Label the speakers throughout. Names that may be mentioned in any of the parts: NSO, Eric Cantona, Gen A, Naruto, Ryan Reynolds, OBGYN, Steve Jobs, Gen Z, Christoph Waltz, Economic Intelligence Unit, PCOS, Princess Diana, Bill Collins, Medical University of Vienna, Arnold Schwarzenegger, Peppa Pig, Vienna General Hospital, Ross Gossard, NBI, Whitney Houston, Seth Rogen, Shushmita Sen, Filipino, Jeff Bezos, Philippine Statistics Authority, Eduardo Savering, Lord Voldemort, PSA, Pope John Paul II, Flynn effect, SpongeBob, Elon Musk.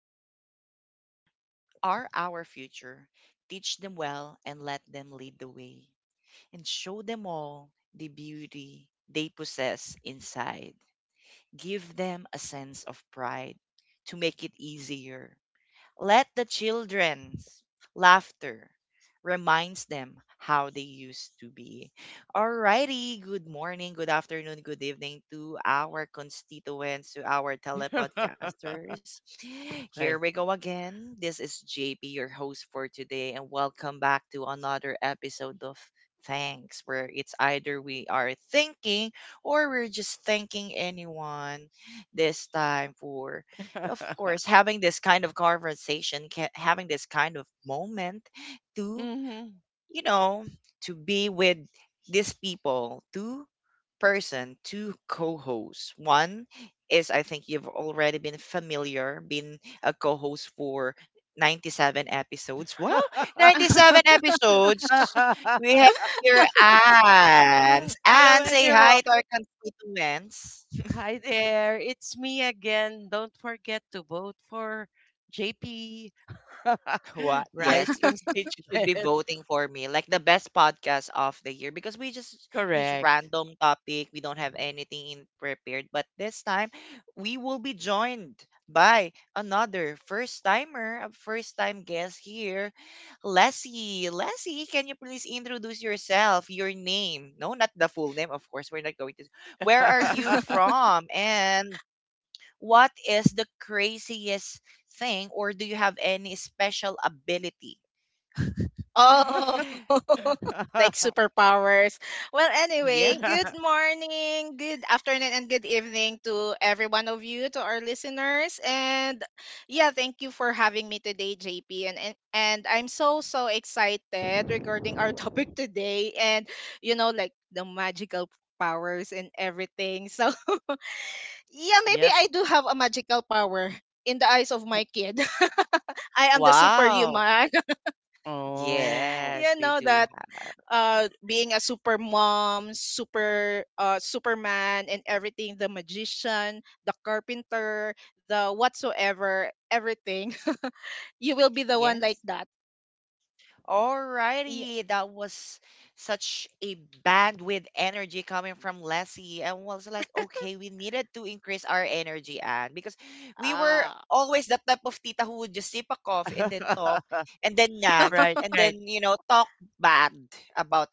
Speaker 1: children our are our future. Teach them well and let them lead the way. And show them all the beauty they possess inside. Give them a sense of pride to make it easier let the children's laughter reminds them how they used to be. Alrighty, good morning, good afternoon, good evening to our constituents, to our telepodcasters. Here we
Speaker 2: Okay.
Speaker 1: go again. This is JP, your host for today, and welcome back to another episode of Thanks, where it's either we are thinking or we're just thanking anyone this time for of course, having this kind of conversation, having this kind of moment to,
Speaker 2: Mhm.
Speaker 1: you know, to be with these people, two person, two co-hosts. One is, I think you've already been familiar, been a co-host for 97 episodes. Wow, 97 episodes. We have here Anne.
Speaker 2: Hello,
Speaker 1: Anne, say
Speaker 2: everyone.
Speaker 1: hi to our constituents.
Speaker 2: Hi there. It's me again. Don't forget to vote for JP.
Speaker 1: What?
Speaker 2: Right,
Speaker 1: Yes, you should be
Speaker 2: constituent.
Speaker 1: voting for me. Like the best podcast of the year because we just use
Speaker 2: Correct.
Speaker 1: random topic. We don't have anything in prepared. But this time, we will be joined by another first timer, a first time guest here, Leslie. Leslie, can you please introduce yourself, your name? No, not the full name, of course. We're not going to. Where are you from? And what is the craziest thing, or do you have any special ability?
Speaker 3: Oh, like superpowers. Well, anyway, good
Speaker 1: Yes.
Speaker 3: morning, good afternoon, and good evening to every one of you, to our listeners. And yeah, thank you for having me today, JP. And I'm so, so excited regarding our topic today and, like the magical powers and everything. So, yeah, maybe
Speaker 2: Yep.
Speaker 3: I do have a magical power in the eyes of my kid. I am the
Speaker 1: Wow.
Speaker 3: superhuman.
Speaker 2: Oh.
Speaker 3: You
Speaker 1: Yes, we
Speaker 3: know
Speaker 1: do
Speaker 3: that,
Speaker 1: have.
Speaker 3: being a super mom, super superman and everything, the magician, the carpenter, the whatsoever, everything. You will be the one like
Speaker 1: Yes.
Speaker 3: that. Y-
Speaker 1: Alrighty, that was such a bandwidth energy coming from Leslie, and was like, okay, we needed to increase our energy, and because we were
Speaker 3: Ah.
Speaker 1: always that type of tita who would just sip a coffee and then talk, and then nag,
Speaker 2: Right,
Speaker 1: and
Speaker 2: right.
Speaker 1: then talk bad about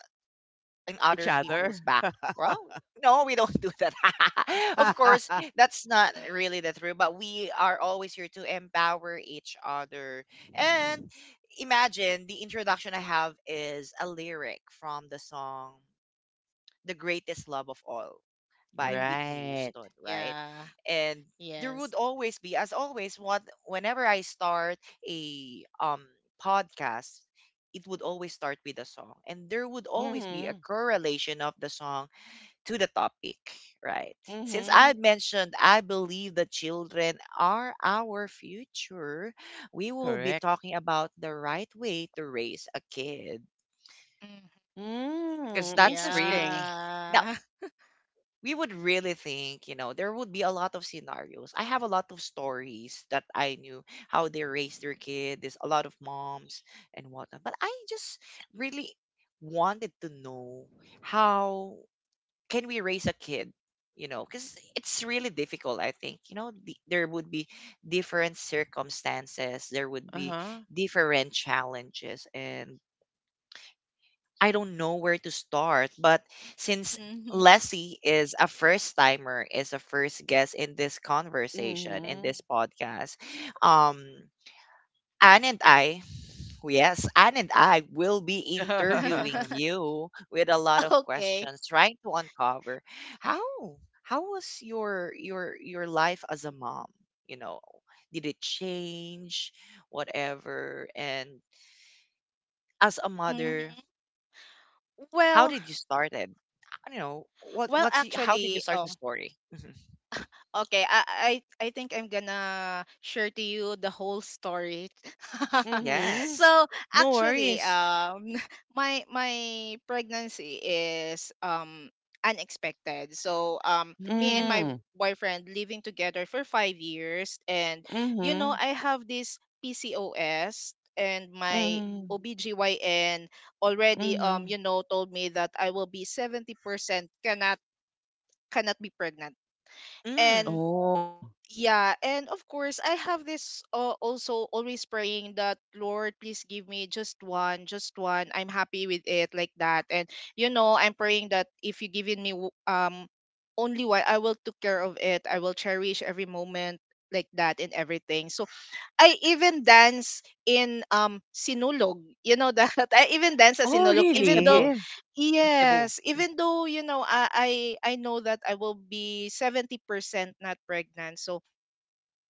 Speaker 1: in
Speaker 2: Each
Speaker 1: other people's
Speaker 2: other.
Speaker 1: back. Well, no, we don't do that. of course, that's not really the truth, but we are always here to empower each other. And imagine the introduction I have is a lyric from the song the Greatest Love of All by
Speaker 3: Mhm.
Speaker 1: Whitney
Speaker 2: Right.
Speaker 1: Houston, right?
Speaker 3: Yeah.
Speaker 1: And there would
Speaker 3: Yes.
Speaker 1: always be, as always, what whenever I start a podcast, it would always start with a song. And there would always be a
Speaker 2: Mm-hmm.
Speaker 1: correlation of the song to the topic, right? Since
Speaker 2: Mm-hmm.
Speaker 1: I mentioned I believe the children are our future, we will be
Speaker 2: Correct.
Speaker 1: talking about the right way to raise a kid.
Speaker 3: Mhm.
Speaker 1: Because
Speaker 2: Mm,
Speaker 1: that's really
Speaker 2: interesting.
Speaker 1: that
Speaker 3: Yeah.
Speaker 1: we would really think, there would be a lot of scenarios. I have a lot of stories that I knew how they raised their kid. There's a lot of moms and whatnot. But I just really wanted to know how can we raise a kid, because it's really difficult, I think. You know, there would be different circumstances, there would be
Speaker 2: Uh-huh.
Speaker 1: different challenges. And I don't know where to start. But since
Speaker 3: Mhm.
Speaker 1: Leslie is a first timer, is a first guest in this conversation, in
Speaker 2: Mm-hmm.
Speaker 1: this podcast, um, Anne and I, yes, Anne and I will be interviewing you with a lot of
Speaker 3: Okay.
Speaker 1: questions, trying to uncover how was your life as a mom? You know, did it change, whatever? And as a mother,
Speaker 3: Hmm.
Speaker 1: how
Speaker 3: Well,
Speaker 1: did you start I don't know
Speaker 3: well,
Speaker 1: how did you
Speaker 3: actually,
Speaker 1: start the story? Hmm.
Speaker 3: okay, I think I'm gonna share to you the whole story.
Speaker 2: Mm-hmm.
Speaker 1: Yes.
Speaker 3: So
Speaker 2: No
Speaker 3: actually,
Speaker 2: worries.
Speaker 3: my pregnancy is unexpected. So, me
Speaker 1: Mm.
Speaker 3: and my
Speaker 2: Mm.
Speaker 3: boyfriend living together for 5 years, and
Speaker 2: Mm-hmm.
Speaker 3: I have this PCOS, and my
Speaker 2: Mm-hmm.
Speaker 3: OBGYN already
Speaker 2: Mm-hmm.
Speaker 3: told me that I will be 70% cannot be pregnant.
Speaker 1: Mm.
Speaker 3: And
Speaker 2: Oh.
Speaker 3: yeah, and of course I have this also always praying that Lord, please give me just one, just one, I'm happy with it like that. And I'm praying that if you given me only one, I will take care of it, I will cherish every moment, like that and everything. So I even dance in Sinulog. You know that? I even dance as
Speaker 2: Oh,
Speaker 1: In
Speaker 3: Sinulog
Speaker 1: Cebu.
Speaker 3: even though,
Speaker 2: really?
Speaker 1: In Cebu.
Speaker 3: yes, even though, you know, I know that I will be 70% not pregnant. So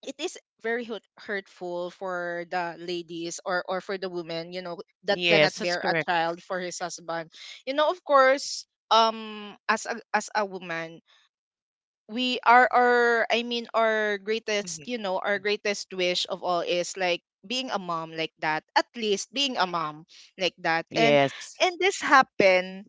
Speaker 3: it is very hurtful for the ladies, or for the women, you know, that cannot
Speaker 2: Yes, that's
Speaker 3: bear a
Speaker 2: correct.
Speaker 3: child for his husband. You know, of course, as a, as a woman, we are our, I mean, our
Speaker 1: hmm
Speaker 3: greatest, you know, our greatest wish of all is like being a mom, like that, at least being a mom like that. and
Speaker 2: Yes.
Speaker 3: and this happened.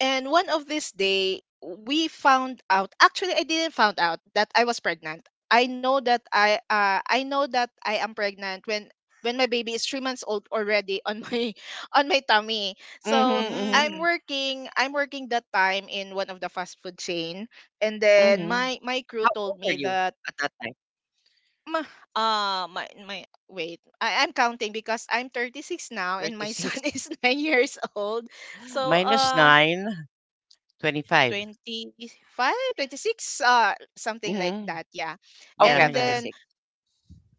Speaker 3: And one of this day, we found out. Actually, I didn't found out that I was pregnant. I know that I know that I am pregnant when my baby is 3 months old already on my on my tummy.
Speaker 2: Mm-hmm.
Speaker 3: So
Speaker 2: Mm-hmm.
Speaker 3: I'm
Speaker 1: Mm.
Speaker 3: working, I'm working that time in one of the fast food chain, and then
Speaker 2: Mm-hmm.
Speaker 3: my
Speaker 1: How
Speaker 3: crew
Speaker 1: old
Speaker 3: told
Speaker 1: are
Speaker 3: me
Speaker 1: you
Speaker 3: that,
Speaker 1: at that time?
Speaker 3: "Ma, my my wait, I, I'm counting because I'm 36 now and my son
Speaker 1: 36.
Speaker 3: is 9 years old. So
Speaker 2: Minus nine twenty-five. 25.
Speaker 3: 25, 26, 26 something like
Speaker 2: Mm-hmm.
Speaker 3: that, yeah.
Speaker 1: Okay,
Speaker 3: And
Speaker 1: at
Speaker 2: Yeah,
Speaker 3: then
Speaker 1: 26.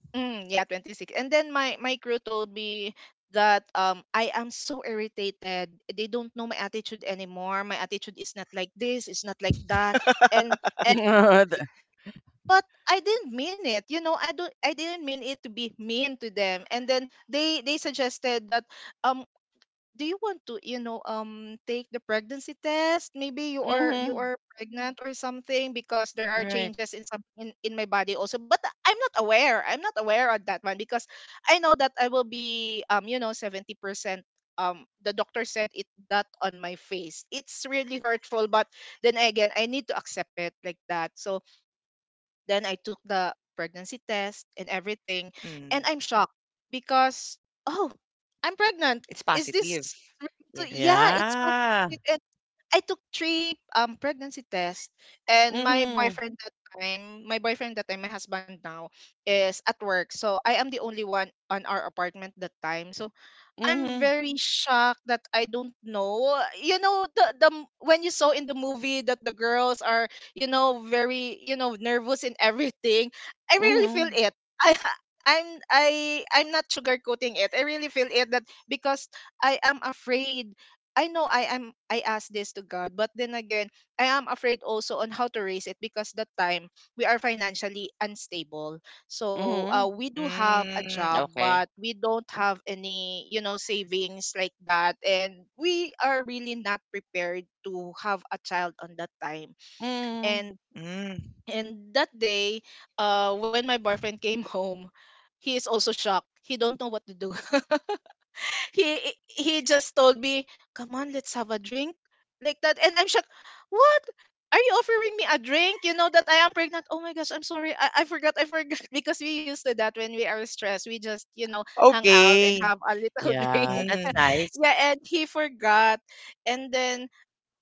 Speaker 3: mm, yeah 26, and then my crew told me that I am so irritated. They don't know my attitude anymore. My attitude is not like this, it's not like that." and, and
Speaker 2: yeah.
Speaker 3: but I didn't mean it. You know, I don't, I didn't mean it to be mean to them. And then they suggested that, um "Do you want to, you know, take the pregnancy test? Maybe you are, you
Speaker 2: Mm-hmm.
Speaker 3: are pregnant or something, because there are
Speaker 2: Right.
Speaker 3: changes in some, in my body also." But I'm not aware, I'm not aware of that one, because I know that I will be, you know, 70%. The doctor said it that on my face. It's really hurtful, but then again I need to accept it, like that. So then I took the pregnancy test and everything. And
Speaker 1: Mm.
Speaker 3: I'm shocked because, oh, I'm pregnant.
Speaker 1: It's
Speaker 3: Is
Speaker 1: positive.
Speaker 3: this really
Speaker 1: Yeah.
Speaker 3: to- yeah, it's
Speaker 2: Yeah.
Speaker 3: positive. And I took three pregnancy tests. And my
Speaker 2: Mm-hmm.
Speaker 3: boyfriend that time, my boyfriend that time, my husband now, is at work. So I am the only one on our apartment that time. So I'm
Speaker 2: Mm-hmm.
Speaker 3: very shocked that I don't know. You know the m- when you saw in the movie that the girls are, you know, very, you know, nervous and everything. I really feel
Speaker 2: Mm-hmm.
Speaker 3: it. I I'm, I, I'm not sugarcoating it. I really feel it, that because I am afraid. I know I am, I ask this to God, but then again, I am afraid also on how to raise it, because that time we are financially unstable. So
Speaker 2: Mm-hmm.
Speaker 3: we do have a
Speaker 1: Mm.
Speaker 3: job, but
Speaker 1: Okay.
Speaker 3: we don't have any, you know, savings like that. And we are really not prepared to have a child on that time.
Speaker 2: Mm-hmm.
Speaker 3: And
Speaker 1: Mm.
Speaker 3: and that day, when my boyfriend came home, he is also shocked. He don't know what to do. He just told me, "Come on, let's have a drink." Like that. And I'm shocked. What? Are you offering me a drink? You know that I am pregnant. Oh my gosh, I'm sorry. I forgot. I forgot. Because we used to that when we are stressed, we just, you know, hang out and
Speaker 1: Okay.
Speaker 3: have a little
Speaker 2: Yeah,
Speaker 3: drink.
Speaker 2: that's
Speaker 1: Mm.
Speaker 2: nice.
Speaker 3: Yeah, and he forgot. And then,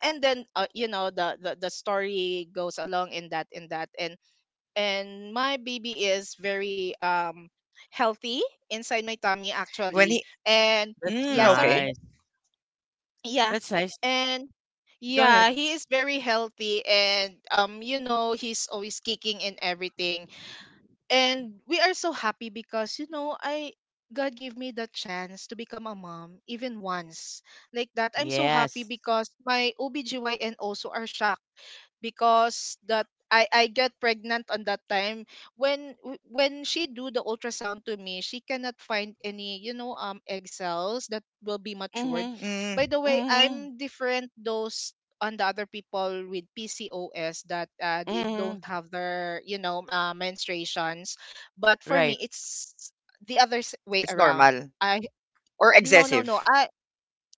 Speaker 3: and then you know the story goes along in that, in that. And my baby is very healthy inside my tummy,
Speaker 1: When
Speaker 3: actually.
Speaker 1: he
Speaker 3: And
Speaker 2: That's
Speaker 3: yeah, sorry.
Speaker 1: okay.
Speaker 2: nice.
Speaker 3: Yeah.
Speaker 2: That's nice. Go
Speaker 3: And
Speaker 2: ahead.
Speaker 3: yeah, he is very healthy, and, um, you know, he's always kicking and everything. And we are so happy, because you know, I, God gave me the chance to become a mom even once, like that. I'm so happy,
Speaker 2: Yes.
Speaker 3: because my OBGYN also are shocked, because that I get pregnant on that time. When when she do the ultrasound to me, she cannot find any, you know, egg cells that will be matured.
Speaker 2: Mhm.
Speaker 3: By
Speaker 1: Mm.
Speaker 3: the way,
Speaker 2: Mhm.
Speaker 3: I'm different those on the other people with PCOS, that they don't
Speaker 2: Mhm.
Speaker 3: have their, you know, menstruations. But for me,
Speaker 2: Right.
Speaker 3: it's the other way
Speaker 1: It's
Speaker 3: around.
Speaker 1: normal
Speaker 3: I,
Speaker 1: or
Speaker 3: no no
Speaker 1: excessive.
Speaker 3: no,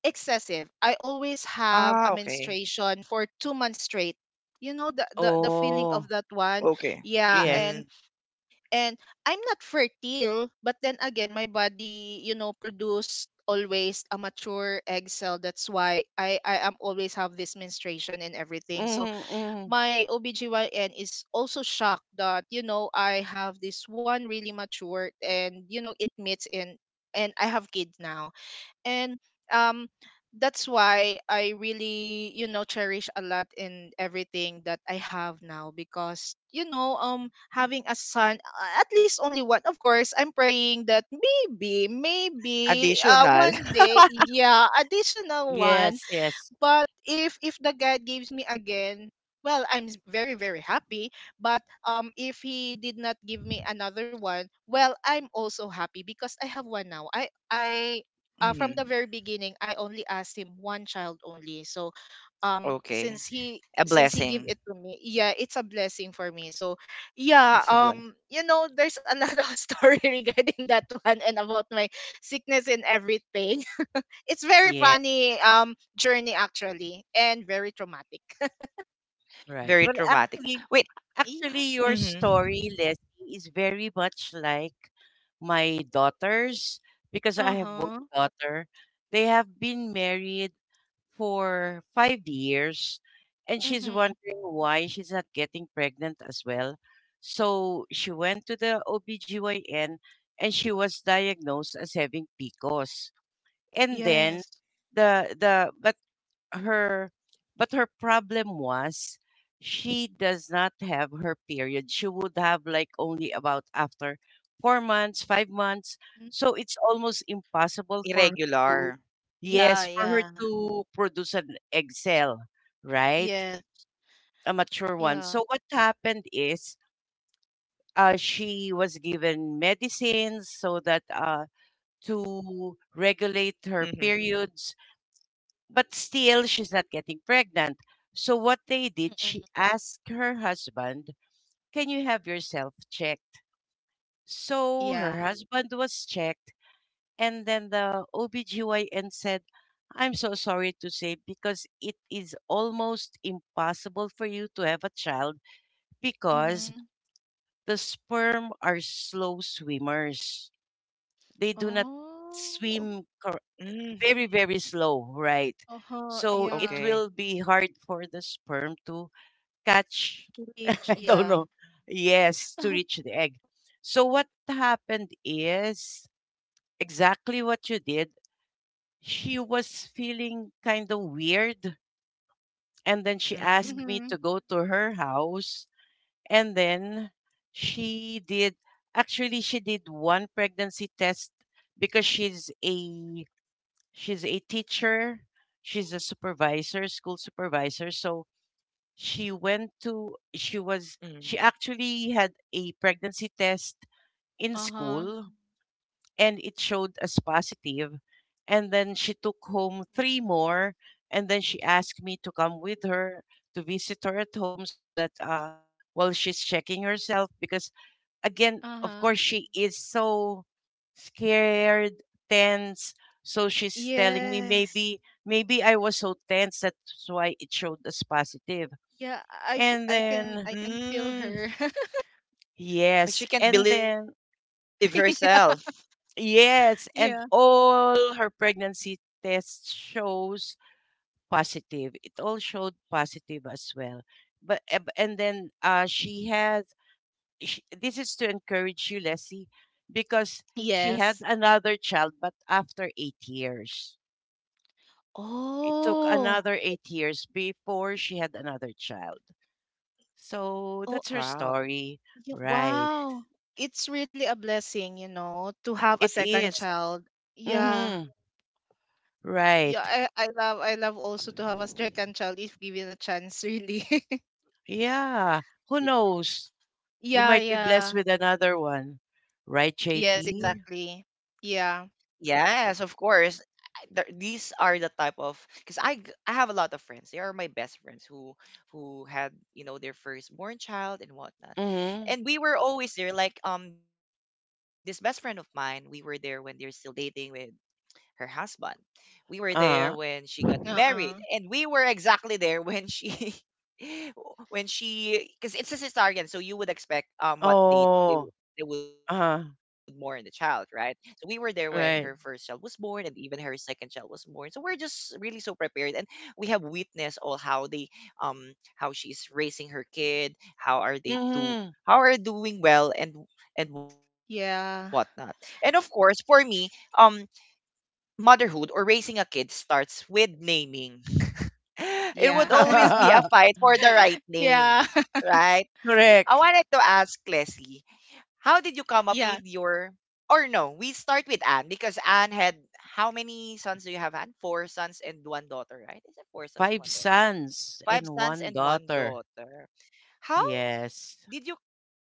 Speaker 3: excessive. I always have
Speaker 1: Ah,
Speaker 3: a
Speaker 1: okay.
Speaker 3: menstruation for 2 months straight. You know the feeling
Speaker 2: Oh,
Speaker 3: of that one.
Speaker 1: Okay.
Speaker 3: Yeah,
Speaker 2: yes.
Speaker 1: Mm.
Speaker 3: and I'm not fertile, but then again my body, you know, produced always a mature egg cell. That's why I am always have this menstruation and everything. So
Speaker 2: Mhm. Mhm.
Speaker 3: my OBGYN is also shocked that, you know, I have this one really matured, and you know it meets in. And I have kids now, and um that's why I really, you know, cherish a lot in everything that I have now, because you know, having a son, at least only one. Of course, I'm praying that maybe, maybe
Speaker 1: Additional.
Speaker 3: one day, yeah, additional one.
Speaker 2: Yes, yes.
Speaker 3: But if the God gives me again, well, I'm very, very happy. But if he did not give me another one, well, I'm also happy because I have one now. I, from
Speaker 1: mm.
Speaker 3: the very beginning I only asked him one child only. So since
Speaker 1: Okay.
Speaker 3: he,
Speaker 1: A
Speaker 3: since he gave it
Speaker 1: blessing.
Speaker 3: to me, yeah, it's a blessing for me. So yeah,
Speaker 1: It's a blessing.
Speaker 3: you know, there's a lot of story regarding that one, and about my sickness and everything. It's very
Speaker 2: Yeah,
Speaker 3: funny, journey actually, and very traumatic.
Speaker 2: right.
Speaker 1: Very traumatic. Wait.
Speaker 3: Yeah.
Speaker 2: Actually, your story,
Speaker 1: Mm-hmm.
Speaker 2: Leslie, is very much like my daughter's, because I have
Speaker 3: Uh-huh.
Speaker 2: one daughter. They have been married for 5 years, and she's
Speaker 3: Mhm.
Speaker 2: wondering why she's not getting pregnant as well. So she went to the OBGYN and she was diagnosed as having PCOS. And then
Speaker 3: Yes.
Speaker 2: the her but her problem was she does not have her period. She would have like only about after 4 months, 5 months,
Speaker 3: Mm.
Speaker 2: so it's almost impossible for her
Speaker 1: Irregular.
Speaker 2: to,
Speaker 3: Yeah,
Speaker 2: yes, for her
Speaker 3: yeah.
Speaker 2: to produce an egg cell, right,
Speaker 3: Yes.
Speaker 2: a mature one.
Speaker 3: Yeah.
Speaker 2: So what happened is she was given medicines so that, to regulate
Speaker 1: Mm-hmm.
Speaker 2: her periods. But still, she's not getting pregnant. So what they did, she
Speaker 3: Mm-mm.
Speaker 2: asked her husband, "Can you have yourself checked?" So
Speaker 3: Yeah.
Speaker 2: her husband was checked, and then the OBGYN said, "I'm so sorry to say, because it is almost impossible for you to have a child, because
Speaker 3: Mhm.
Speaker 2: the sperm are slow swimmers. They do not
Speaker 3: Oh.
Speaker 2: swim cor- very,
Speaker 1: Mm.
Speaker 2: very slow, right?"
Speaker 3: Uh-huh.
Speaker 2: So it
Speaker 3: Yeah.
Speaker 2: will be
Speaker 1: Okay.
Speaker 2: hard for the sperm to catch,
Speaker 3: To reach,
Speaker 2: I don't
Speaker 3: yeah.
Speaker 2: know, yes, to reach the egg. So what happened is exactly what you did. She was feeling kind of weird, and then she asked me
Speaker 3: Mm-hmm.
Speaker 2: to go
Speaker 1: Mm.
Speaker 2: to her house, and then she did, actually she did one pregnancy test, because she's a, she's a teacher, she's a supervisor, school supervisor, so she went to, she was, she actually
Speaker 1: Mm.
Speaker 2: had a pregnancy test in
Speaker 3: Uh-huh.
Speaker 2: school, and it showed as positive, positive. And then she took home three more, and then she asked me to come with her to visit her at home so that, while she's checking herself, because again, of
Speaker 3: Uh-huh.
Speaker 2: course, she is so scared, tense. So she's telling me,
Speaker 3: Yes.
Speaker 2: maybe maybe I was so tense, that's why it showed as positive.
Speaker 3: Yeah, I
Speaker 2: And
Speaker 3: I can,
Speaker 2: then
Speaker 3: I can feel her.
Speaker 1: Mm.
Speaker 2: yes, and then
Speaker 1: Like she can't believe herself.
Speaker 3: Yeah.
Speaker 2: yes, and
Speaker 3: Yeah.
Speaker 2: all her pregnancy test shows positive. It all showed positive as well. But and then, she has, sh this is to encourage you, Leslie, because she had
Speaker 3: Yes.
Speaker 2: another child, but after 8 years. It took
Speaker 3: Oh.
Speaker 2: another 8 years before she had another child. So
Speaker 3: Oh,
Speaker 2: that's her story,
Speaker 1: Wow.
Speaker 3: Ye
Speaker 2: right?
Speaker 3: wow! It's really a blessing, you know, to have a
Speaker 2: It
Speaker 3: second
Speaker 2: is.
Speaker 3: child. Yeah.
Speaker 2: Mm-hmm. Right.
Speaker 3: Yeah, I love, I love also to have a second child if given a chance, really.
Speaker 2: Yeah. Who
Speaker 1: Y-
Speaker 2: knows? You
Speaker 3: Yeah,
Speaker 2: might be blessed
Speaker 3: yeah.
Speaker 2: with another one, right,
Speaker 3: Yes,
Speaker 2: JP?
Speaker 3: exactly. Yeah.
Speaker 1: Yes, of course. These are the type of because I have a lot of friends. They are my best friends who had their firstborn child and whatnot,
Speaker 2: Mm-hmm.
Speaker 1: and we were always there. Like this best friend of mine, we were there when they're still dating with her husband. We were there when
Speaker 2: Uh-huh.
Speaker 1: she got married, and
Speaker 3: Uh-uh.
Speaker 1: we were exactly there when she when she because it's a cesarean, so you would expect what date
Speaker 2: Oh.
Speaker 1: they would mourn the
Speaker 2: Uh-huh.
Speaker 1: child, right? So we were there when her first child was
Speaker 2: Right.
Speaker 1: born, and even her second child was born. So we're just really so prepared, and we have witnessed all how she's raising her kid,
Speaker 2: Mm-hmm.
Speaker 1: how are doing well and whatnot. And of
Speaker 3: Yeah.
Speaker 1: course, for me, um motherhood or raising a kid starts with naming. It would
Speaker 3: Yeah.
Speaker 1: always be a fight for the right name,
Speaker 3: Yeah.
Speaker 1: right? I
Speaker 2: Correct.
Speaker 1: wanted to ask Leslie, how did you come up
Speaker 3: Yeah.
Speaker 1: with your or no, we start with Anne because Anne had how many sons do you have, Anne? Four sons and one daughter, right? Is it four sons and
Speaker 2: Five
Speaker 1: one daughter?
Speaker 2: sons
Speaker 1: Five
Speaker 2: and
Speaker 1: sons
Speaker 2: one
Speaker 1: and one
Speaker 2: daughter.
Speaker 1: daughter. How
Speaker 2: Yes.
Speaker 1: did you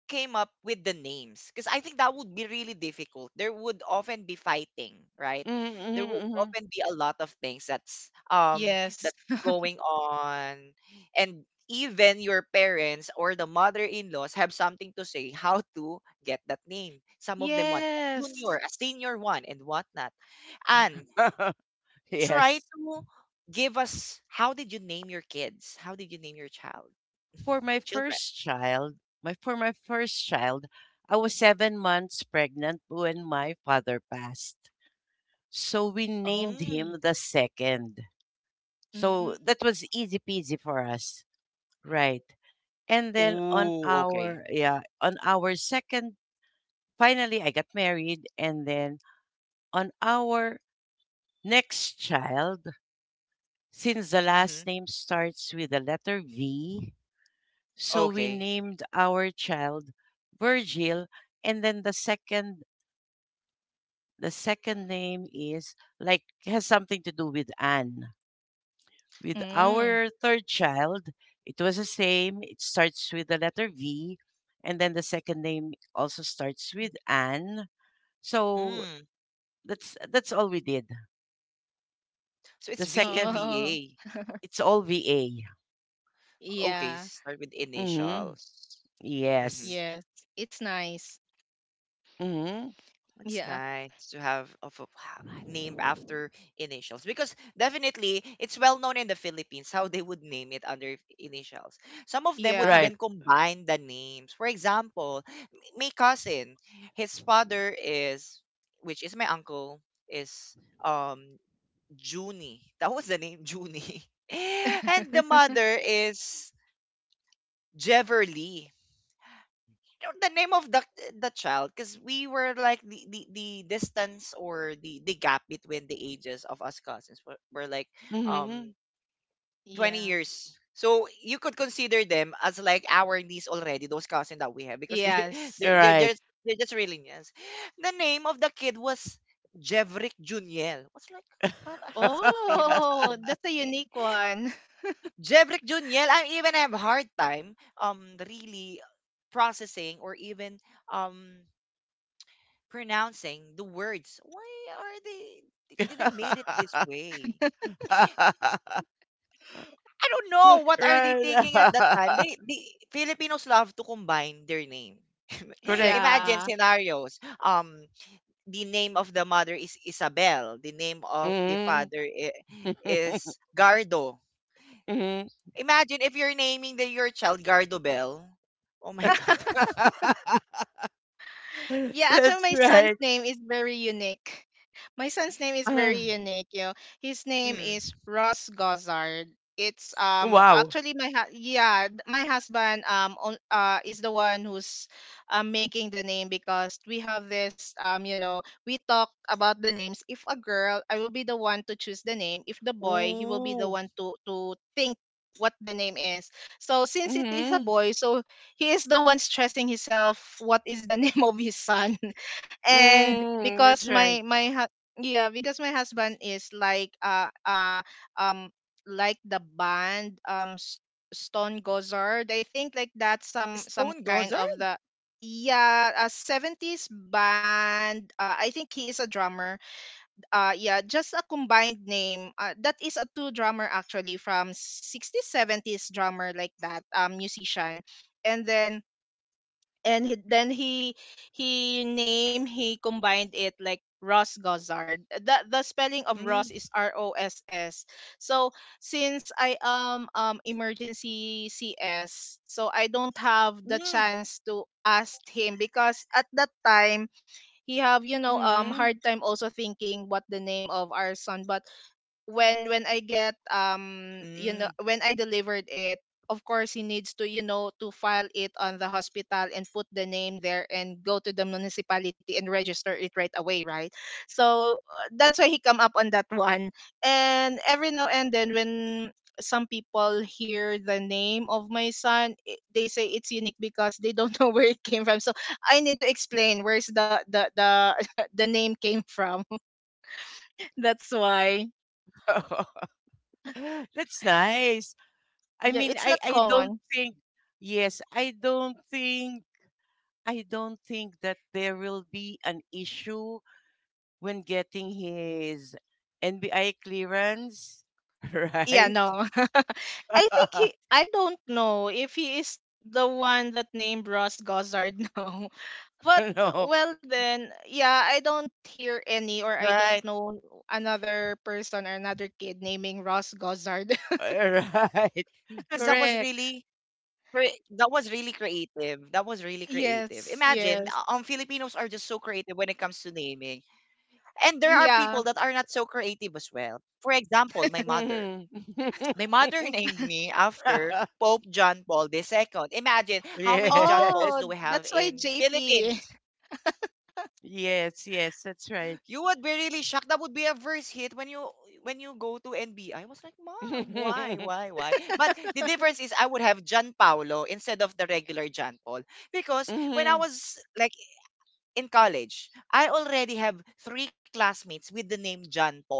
Speaker 1: came up with the names? Because I think that would be really difficult. There would often be fighting, right? There would
Speaker 2: Mm-hmm,
Speaker 1: often be a lot of things
Speaker 3: Yes.
Speaker 1: that's going on, and even your parents or the mother-in-laws have something to say how to get that name. Some of them want a
Speaker 3: Yes.
Speaker 1: junior, a senior one, and whatnot. And try
Speaker 2: yes.
Speaker 1: to give us how did you name your kids? How did you name your child?
Speaker 2: For my
Speaker 1: Children.
Speaker 2: first child, my for my first child, I was 7 months pregnant when my father passed. So we
Speaker 3: Oh.
Speaker 2: named
Speaker 1: Mm.
Speaker 2: him the second. So
Speaker 3: Mm.
Speaker 2: that was easy peasy for us. Right. And then on
Speaker 1: Ooh, okay.
Speaker 2: our, yeah, on our second, finally I got married, and then on our next child, since the last
Speaker 1: Mm-hmm.
Speaker 2: name starts with the letter V, so we
Speaker 1: Okay.
Speaker 2: named our child Virgil, and then the second, the second name is like has something to do with Anne. With
Speaker 3: Mm.
Speaker 2: our third child, it was the same. It starts with the letter V and then the second name also starts with Anne. So
Speaker 1: Mm.
Speaker 2: that's all we did.
Speaker 1: So
Speaker 2: The
Speaker 1: it's
Speaker 2: second,
Speaker 3: Oh.
Speaker 1: VAVA.
Speaker 2: it's all VA.
Speaker 1: Okay,
Speaker 3: Yeah.
Speaker 1: start with
Speaker 2: Mhm.
Speaker 1: initials. Mm-hmm.
Speaker 2: Yes.
Speaker 3: Yes. It's nice.
Speaker 2: Mhm.
Speaker 3: Yeah.
Speaker 1: It's nice to have of a name after initials because definitely it's well known in the Philippines how they would name it under initials. Some of them would
Speaker 3: Yeah.
Speaker 2: Right.
Speaker 1: even combine the names. For example, my cousin, his father is, which is my uncle, is um Junie. That was the name, Junie. And the mother is Jeverly. You know, the name of the child, because we were like the distance or the gap between the ages of us cousins were like um
Speaker 2: Mhm.
Speaker 1: 20
Speaker 3: Yeah.
Speaker 1: years. So you could consider them as like our niece already, those cousins that we have, because they're
Speaker 3: Yes.
Speaker 2: Right.
Speaker 1: they're just really niece. The name of the kid was Jevrick Juniel. Was like, what are these parents
Speaker 3: Oh, that's a
Speaker 1: thinking?
Speaker 3: unique one.
Speaker 1: Jevrick Juniel, I even have a hard time really processing or even um pronouncing the words. Why are they did they made it this way? I don't know what are they thinking at that
Speaker 2: Right.
Speaker 1: time. The Filipinos love to combine their name.
Speaker 2: Correct.
Speaker 1: Imagine
Speaker 3: Yeah.
Speaker 1: scenarios. The name of the mother is Isabel. The name of the
Speaker 2: Mhm.
Speaker 1: father is Gardo.
Speaker 2: Mhm.
Speaker 1: Imagine if you're naming your child Gardo Bell. Oh my God.
Speaker 3: Yeah, actually,
Speaker 2: That's
Speaker 3: my son's
Speaker 2: right.
Speaker 3: name is very unique. My son's name is
Speaker 2: Ah,
Speaker 3: very unique. You know, his name is
Speaker 1: Mm.
Speaker 3: Ross Gozard. It's
Speaker 2: wow.
Speaker 3: actually my yeah, my husband, on, is the one who's making the name, because we have this, you know, we talk about the names. If a girl, I will be the one to choose the name. If the boy, he will be the one
Speaker 1: Ooh,
Speaker 3: to think what the name is. So since it is a
Speaker 2: Mhm.
Speaker 3: boy, so he is the one stressing himself what is the name of his son. And
Speaker 2: Mm,
Speaker 3: because
Speaker 2: that's
Speaker 3: my
Speaker 2: right.
Speaker 3: my yeah, because my husband is like, um like the band, Stone Gozard, I think, like, that's some kind of
Speaker 1: Stone
Speaker 3: the,
Speaker 1: Gossard?
Speaker 3: yeah, a 70s band. I think he is a drummer. Yeah, just a combined name, that is a two drummer actually, from 60s 70s drummer like that, musician. And then, and he, then he name he combined it like Ross Gossard. The spelling of Ross is R O
Speaker 1: Mm,
Speaker 3: S S. So since I am emergency CS, so I don't have the chance to
Speaker 1: mm,
Speaker 3: ask him because at that time he have hard
Speaker 2: Mhm.
Speaker 3: time also thinking what the name of our son. But when I get when I delivered
Speaker 1: mm.
Speaker 3: it, of course he needs to to file it on the hospital and put the name there and go to the municipality and register it right away, right? So that's why he come up on that one. And every now and then when some people hear the name of my son, they say it's unique because they don't know where it came from. So I need to explain where's the name came from. That's why.
Speaker 2: That's nice. I
Speaker 3: Yeah,
Speaker 2: mean,
Speaker 3: it's not
Speaker 2: I don't
Speaker 3: common.
Speaker 2: think, yes, I don't think that there will be an issue when getting his NBI clearance,
Speaker 3: Yeah,
Speaker 2: right?
Speaker 3: no. I don't know if he is the one that named Ross Gossard. No, but,
Speaker 2: No.
Speaker 3: well, then, yeah, I don't hear any or I don't
Speaker 1: Right.
Speaker 3: know another person or another kid naming Ross Gossard.
Speaker 2: Right.
Speaker 1: Because that was
Speaker 2: Correct.
Speaker 1: really that was really creative. That was really creative.
Speaker 3: Yes,
Speaker 1: Imagine,
Speaker 3: yes.
Speaker 1: Filipinos are just so creative when it comes to naming, and there are
Speaker 3: Yeah.
Speaker 1: people that are not so creative as well. For example, my mother.
Speaker 2: Mhm.
Speaker 1: My mother named me after Pope John Paul II. Imagine how many John
Speaker 2: Yes.
Speaker 3: Oh,
Speaker 1: Pauls do we
Speaker 3: that's
Speaker 1: have
Speaker 3: why
Speaker 1: in
Speaker 3: JP.
Speaker 1: Philippines?
Speaker 2: Yes, yes, that's right.
Speaker 1: You would be really shocked. That would be a first hit when you go to NBI. I was like, Mom, why, why? But the difference is I would have John Paolo instead of the regular John Paul. Because when I
Speaker 2: Mhm.
Speaker 1: was like in college, I already have three classmates with the name John Paul.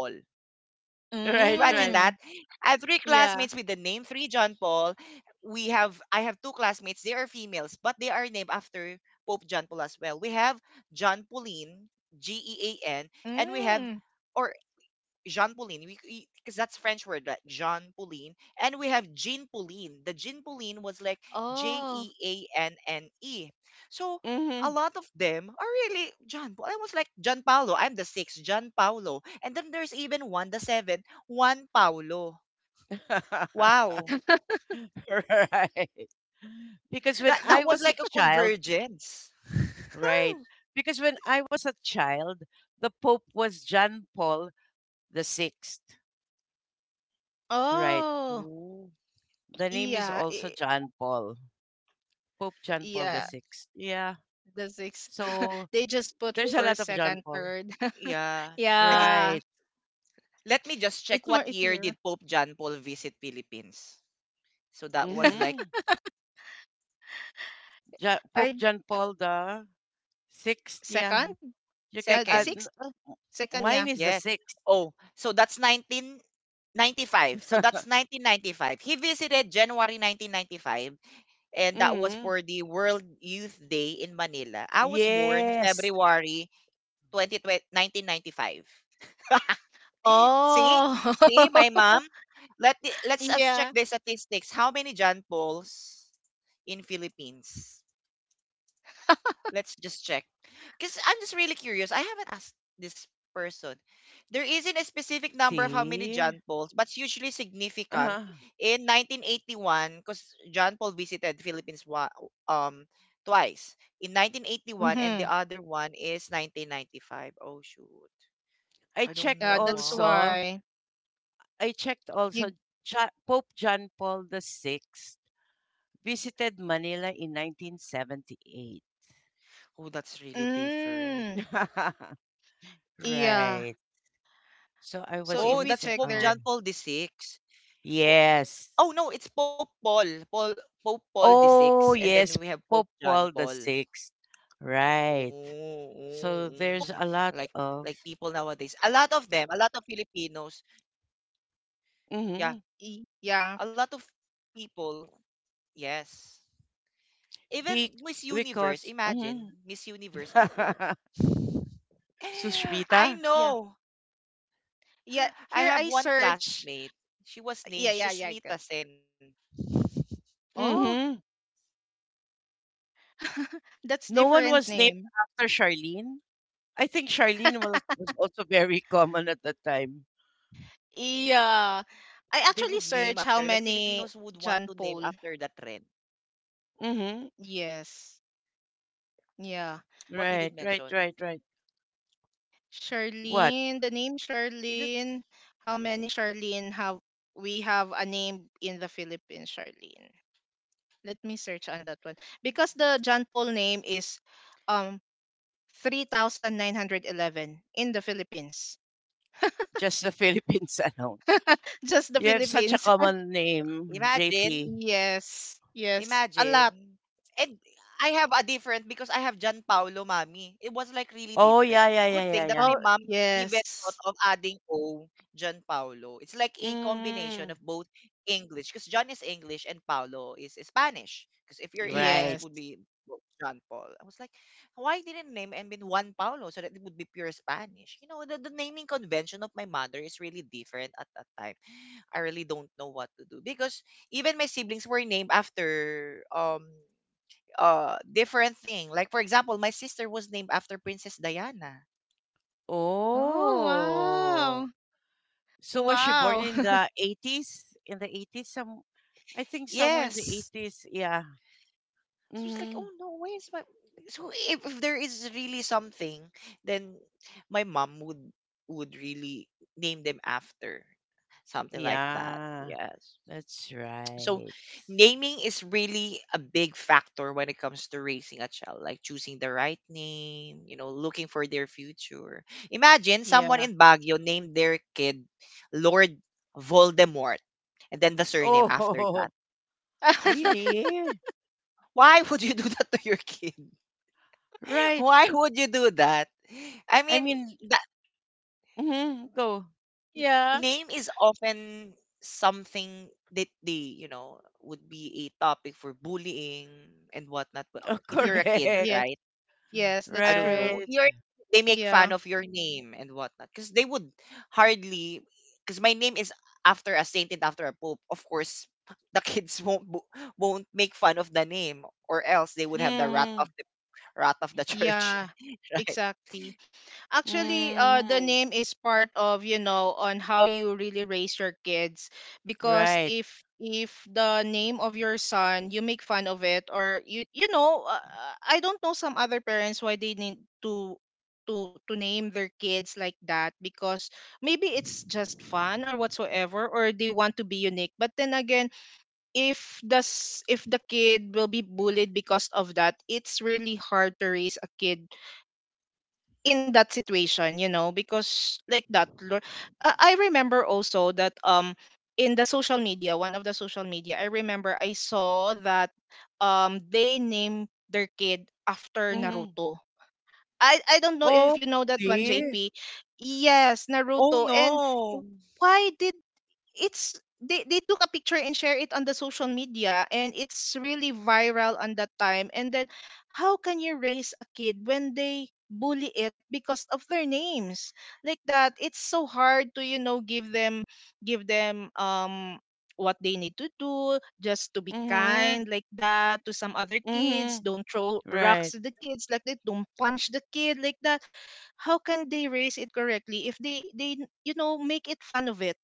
Speaker 2: Right,
Speaker 1: Imagine
Speaker 2: right.
Speaker 1: that.
Speaker 3: Mm,
Speaker 1: I have three
Speaker 3: yeah.
Speaker 1: classmates with the name three John Paul. We have I have two classmates. They are females, but they are named after Pope John Paul as well. We have John Pauline, Gean, and we have
Speaker 3: Mm,
Speaker 1: or Jean Pauline. We Because that's French word, like Jean Pauline, and we have Jean Pauline. The Jean Pauline was like J
Speaker 3: oh.
Speaker 1: E A N N E. So a
Speaker 2: Hmm.
Speaker 1: lot of them are really John. I was like John Paulo. I'm the sixth John Paulo, and then there's even one the seventh Juan Paulo. Wow,
Speaker 2: Right. Because when
Speaker 1: that
Speaker 2: I
Speaker 1: was
Speaker 2: was a
Speaker 1: like a
Speaker 2: child,
Speaker 1: convergence.
Speaker 2: right? Because when I was a child, the Pope was John Paul the sixth, right?
Speaker 3: Oh,
Speaker 1: Oh,
Speaker 2: The name is
Speaker 3: yeah,
Speaker 2: also John Paul, Pope John Paul the
Speaker 3: yeah.
Speaker 2: Sixth. Yeah.
Speaker 3: The six.
Speaker 2: So
Speaker 3: They just put
Speaker 2: there's a
Speaker 3: first,
Speaker 2: lot of John
Speaker 3: second,
Speaker 2: Paul.
Speaker 3: third.
Speaker 1: yeah, I think
Speaker 3: Yeah,
Speaker 2: Right.
Speaker 1: let me just check
Speaker 3: it's more
Speaker 1: what year
Speaker 3: easier.
Speaker 1: did Pope John Paul visit Philippines. So that was like
Speaker 2: Mm-hmm.
Speaker 3: I
Speaker 2: Pope John Paul the Sixth. Yeah.
Speaker 3: second.
Speaker 2: You can.
Speaker 3: The
Speaker 1: Second,
Speaker 3: sixth. Second. Yeah.
Speaker 2: Mine is the
Speaker 1: yes.
Speaker 2: sixth.
Speaker 1: Oh, so that's 1995. So that's 1995. He visited January 1995, and that was
Speaker 2: Mm-hmm.
Speaker 1: for the World Youth Day in Manila. I was born
Speaker 2: Yes.
Speaker 1: February 2020, See? See,
Speaker 3: Oh,
Speaker 1: my mom? Let let's us check
Speaker 3: yeah.
Speaker 1: the statistics. How many John Pauls in Philippines? Let's just check. Because I'm just really curious. I haven't asked this person. There isn't a specific number of how many
Speaker 2: See.
Speaker 1: John Pauls, but it's usually significant.
Speaker 2: Uh-huh.
Speaker 1: In 1981, because John Paul visited Philippines um twice. In 1981 and
Speaker 3: Mm-hmm.
Speaker 1: the other one is 1995. Oh shoot.
Speaker 2: I
Speaker 1: I don't
Speaker 2: checked
Speaker 3: Yeah,
Speaker 1: know
Speaker 3: that's
Speaker 1: why.
Speaker 2: also.
Speaker 3: why.
Speaker 2: I checked also.
Speaker 3: You
Speaker 2: Pope John Paul the Sixth visited Manila in 1978.
Speaker 1: Oh, that's really different.
Speaker 3: Mm, yeah.
Speaker 2: Right. So I
Speaker 3: So
Speaker 2: was
Speaker 3: if
Speaker 1: Oh,
Speaker 2: only
Speaker 3: we
Speaker 1: that's
Speaker 2: saying,
Speaker 3: check
Speaker 1: Pope
Speaker 3: there.
Speaker 2: oh,
Speaker 1: John Paul VI. Oh,
Speaker 2: yes.
Speaker 1: oh, no, it's Pope Paul. Pope Paul the Sixth,
Speaker 2: Oh,
Speaker 1: and then we
Speaker 2: yes,
Speaker 1: have Pope
Speaker 2: Pope
Speaker 1: John
Speaker 2: Paul the
Speaker 1: Paul.
Speaker 2: Sixth. Right.
Speaker 1: Oh, oh,
Speaker 2: So there's
Speaker 1: mm.
Speaker 2: a lot
Speaker 1: Like
Speaker 2: of,
Speaker 1: like people nowadays. A lot of them, a lot of Filipinos.
Speaker 2: mm-hmm,
Speaker 1: Yeah,
Speaker 3: Yeah,
Speaker 1: a lot of people. Yes. Even
Speaker 2: be,
Speaker 1: Miss Universe,
Speaker 2: because
Speaker 1: imagine Miss Universe
Speaker 2: mm-hmm.
Speaker 1: before. I
Speaker 2: Sushmita.
Speaker 3: yeah,
Speaker 1: know.
Speaker 3: yeah.
Speaker 1: I
Speaker 3: Here
Speaker 1: have
Speaker 3: I
Speaker 1: one
Speaker 3: search.
Speaker 1: classmate. She was named
Speaker 3: Yeah, yeah, yeah.
Speaker 1: Shushmita Sen.
Speaker 3: Oh.
Speaker 2: Mm-hmm.
Speaker 3: That's
Speaker 2: No one
Speaker 3: different
Speaker 2: was named
Speaker 3: name.
Speaker 2: after Charlene. I think Charlene was also very common at the time.
Speaker 3: Yeah.
Speaker 1: They would
Speaker 3: I
Speaker 1: name
Speaker 3: actually
Speaker 1: after, like
Speaker 3: searched how
Speaker 1: Filipinos would
Speaker 3: many
Speaker 1: want to name
Speaker 3: John
Speaker 1: after
Speaker 3: Paul.
Speaker 1: that trend.
Speaker 2: Mm-hmm.
Speaker 3: Yes. Yeah.
Speaker 1: What did it
Speaker 2: Right, right,
Speaker 1: mention?
Speaker 2: right, right. What?
Speaker 3: Charlene, the name
Speaker 1: You just
Speaker 3: Charlene. How many Charlene have, we have a name in the Philippines, Charlene? Let me search on that one. Because the John Paul name is um 3911 in the Philippines.
Speaker 2: Just the Philippines alone.
Speaker 3: Just the
Speaker 2: You have such a
Speaker 3: Philippines.
Speaker 2: common name,
Speaker 1: imagine.
Speaker 2: JP.
Speaker 3: Yes. Yes. A lot.
Speaker 1: Imagine. And I have a different because I have Gianpaolo, mommy. It was like really
Speaker 2: Oh,
Speaker 1: different.
Speaker 2: yeah, yeah, yeah,
Speaker 1: Good
Speaker 2: yeah,
Speaker 1: thing that
Speaker 2: yeah.
Speaker 1: my
Speaker 3: Oh,
Speaker 1: mom even
Speaker 3: yes.
Speaker 1: thought of adding O, Gianpaolo. It's like a combination
Speaker 2: Mm,
Speaker 1: of both English, because John is English and Paolo is Spanish. Because if you're English, it
Speaker 2: right.
Speaker 3: Yes.
Speaker 1: would be John Paul. I was like, why didn't name and been Juan Paulo so that it would be pure Spanish? You know, the naming convention of my mother is really different at that time. I really don't know what to do because even my siblings were named after different thing. Like for example, my sister was named after Princess Diana.
Speaker 3: Oh,
Speaker 2: Oh.
Speaker 3: wow.
Speaker 2: So was she born
Speaker 3: Wow.
Speaker 2: in the 80s? In the 80s? Some, I think somewhere in the
Speaker 1: Yes.
Speaker 2: 80s. Yeah.
Speaker 1: So it's like,
Speaker 2: Mm,
Speaker 1: oh no, where is my, so if there is really something, then my mom would really name them after something like that.
Speaker 2: yeah,
Speaker 1: Yes.
Speaker 2: that's
Speaker 1: So
Speaker 2: right.
Speaker 1: naming is really a big factor when it comes to raising a child, like choosing the right name, looking for their future. Imagine someone
Speaker 3: Yeah.
Speaker 1: in Baguio named their kid Lord Voldemort and then the surname after
Speaker 2: Oh,
Speaker 1: that. I was like,
Speaker 2: really?
Speaker 1: why would you do that to your kid?
Speaker 2: Right.
Speaker 1: Why would you do that? I
Speaker 2: I
Speaker 1: mean,
Speaker 2: mean,
Speaker 1: that
Speaker 2: mhm, go.
Speaker 1: name
Speaker 3: Yeah.
Speaker 1: is often something that they, would be a topic for bullying and whatnot. But
Speaker 2: Oh,
Speaker 1: if
Speaker 3: Mm,
Speaker 1: you're a kid,
Speaker 2: correct.
Speaker 3: yes.
Speaker 1: right?
Speaker 3: Yes,
Speaker 1: I
Speaker 3: that's
Speaker 1: don't know.
Speaker 3: true.
Speaker 2: Right.
Speaker 1: You're they make fun
Speaker 3: Yeah.
Speaker 1: of your name and whatnot because they would hardly, because my name is after a saint and after a pope. Of course, the kids won't make fun of the name, or else they would have the wrath
Speaker 2: Mm,
Speaker 1: of the church,
Speaker 3: Yeah,
Speaker 1: right?
Speaker 3: exactly. Actually, the
Speaker 2: mm,
Speaker 3: name is part of, on how you really raise your kids. Because
Speaker 2: right.
Speaker 3: if the name of your son, you make fun of it, or you know, I don't know some other parents why they need to name their kids like that because maybe it's just fun or whatsoever, or they want to be unique. But then again, if the kid will be bullied because of that, it's really hard to raise a kid in that situation, because like that. I remember also that in the social media, one of the social media, I remember I saw that they named their kid after
Speaker 2: Mm.
Speaker 3: Naruto. I don't know if you
Speaker 2: Oh,
Speaker 3: know that one,
Speaker 2: really?
Speaker 3: JP. Yes,
Speaker 1: Oh
Speaker 3: Naruto. And
Speaker 1: no!
Speaker 3: why did it's they took a picture and share it on the social media, and it's really viral on that time. And then how can you raise a kid when they bully it because of their names like that? It's so hard to give them, give them um what they need to do just to be
Speaker 2: Mm.
Speaker 3: kind like that. To some other kids,
Speaker 2: Mhm.
Speaker 3: don't throw rocks
Speaker 2: Right.
Speaker 3: to the kids like that, don't punch the kid like that. How can they raise it correctly if they make it fun of it?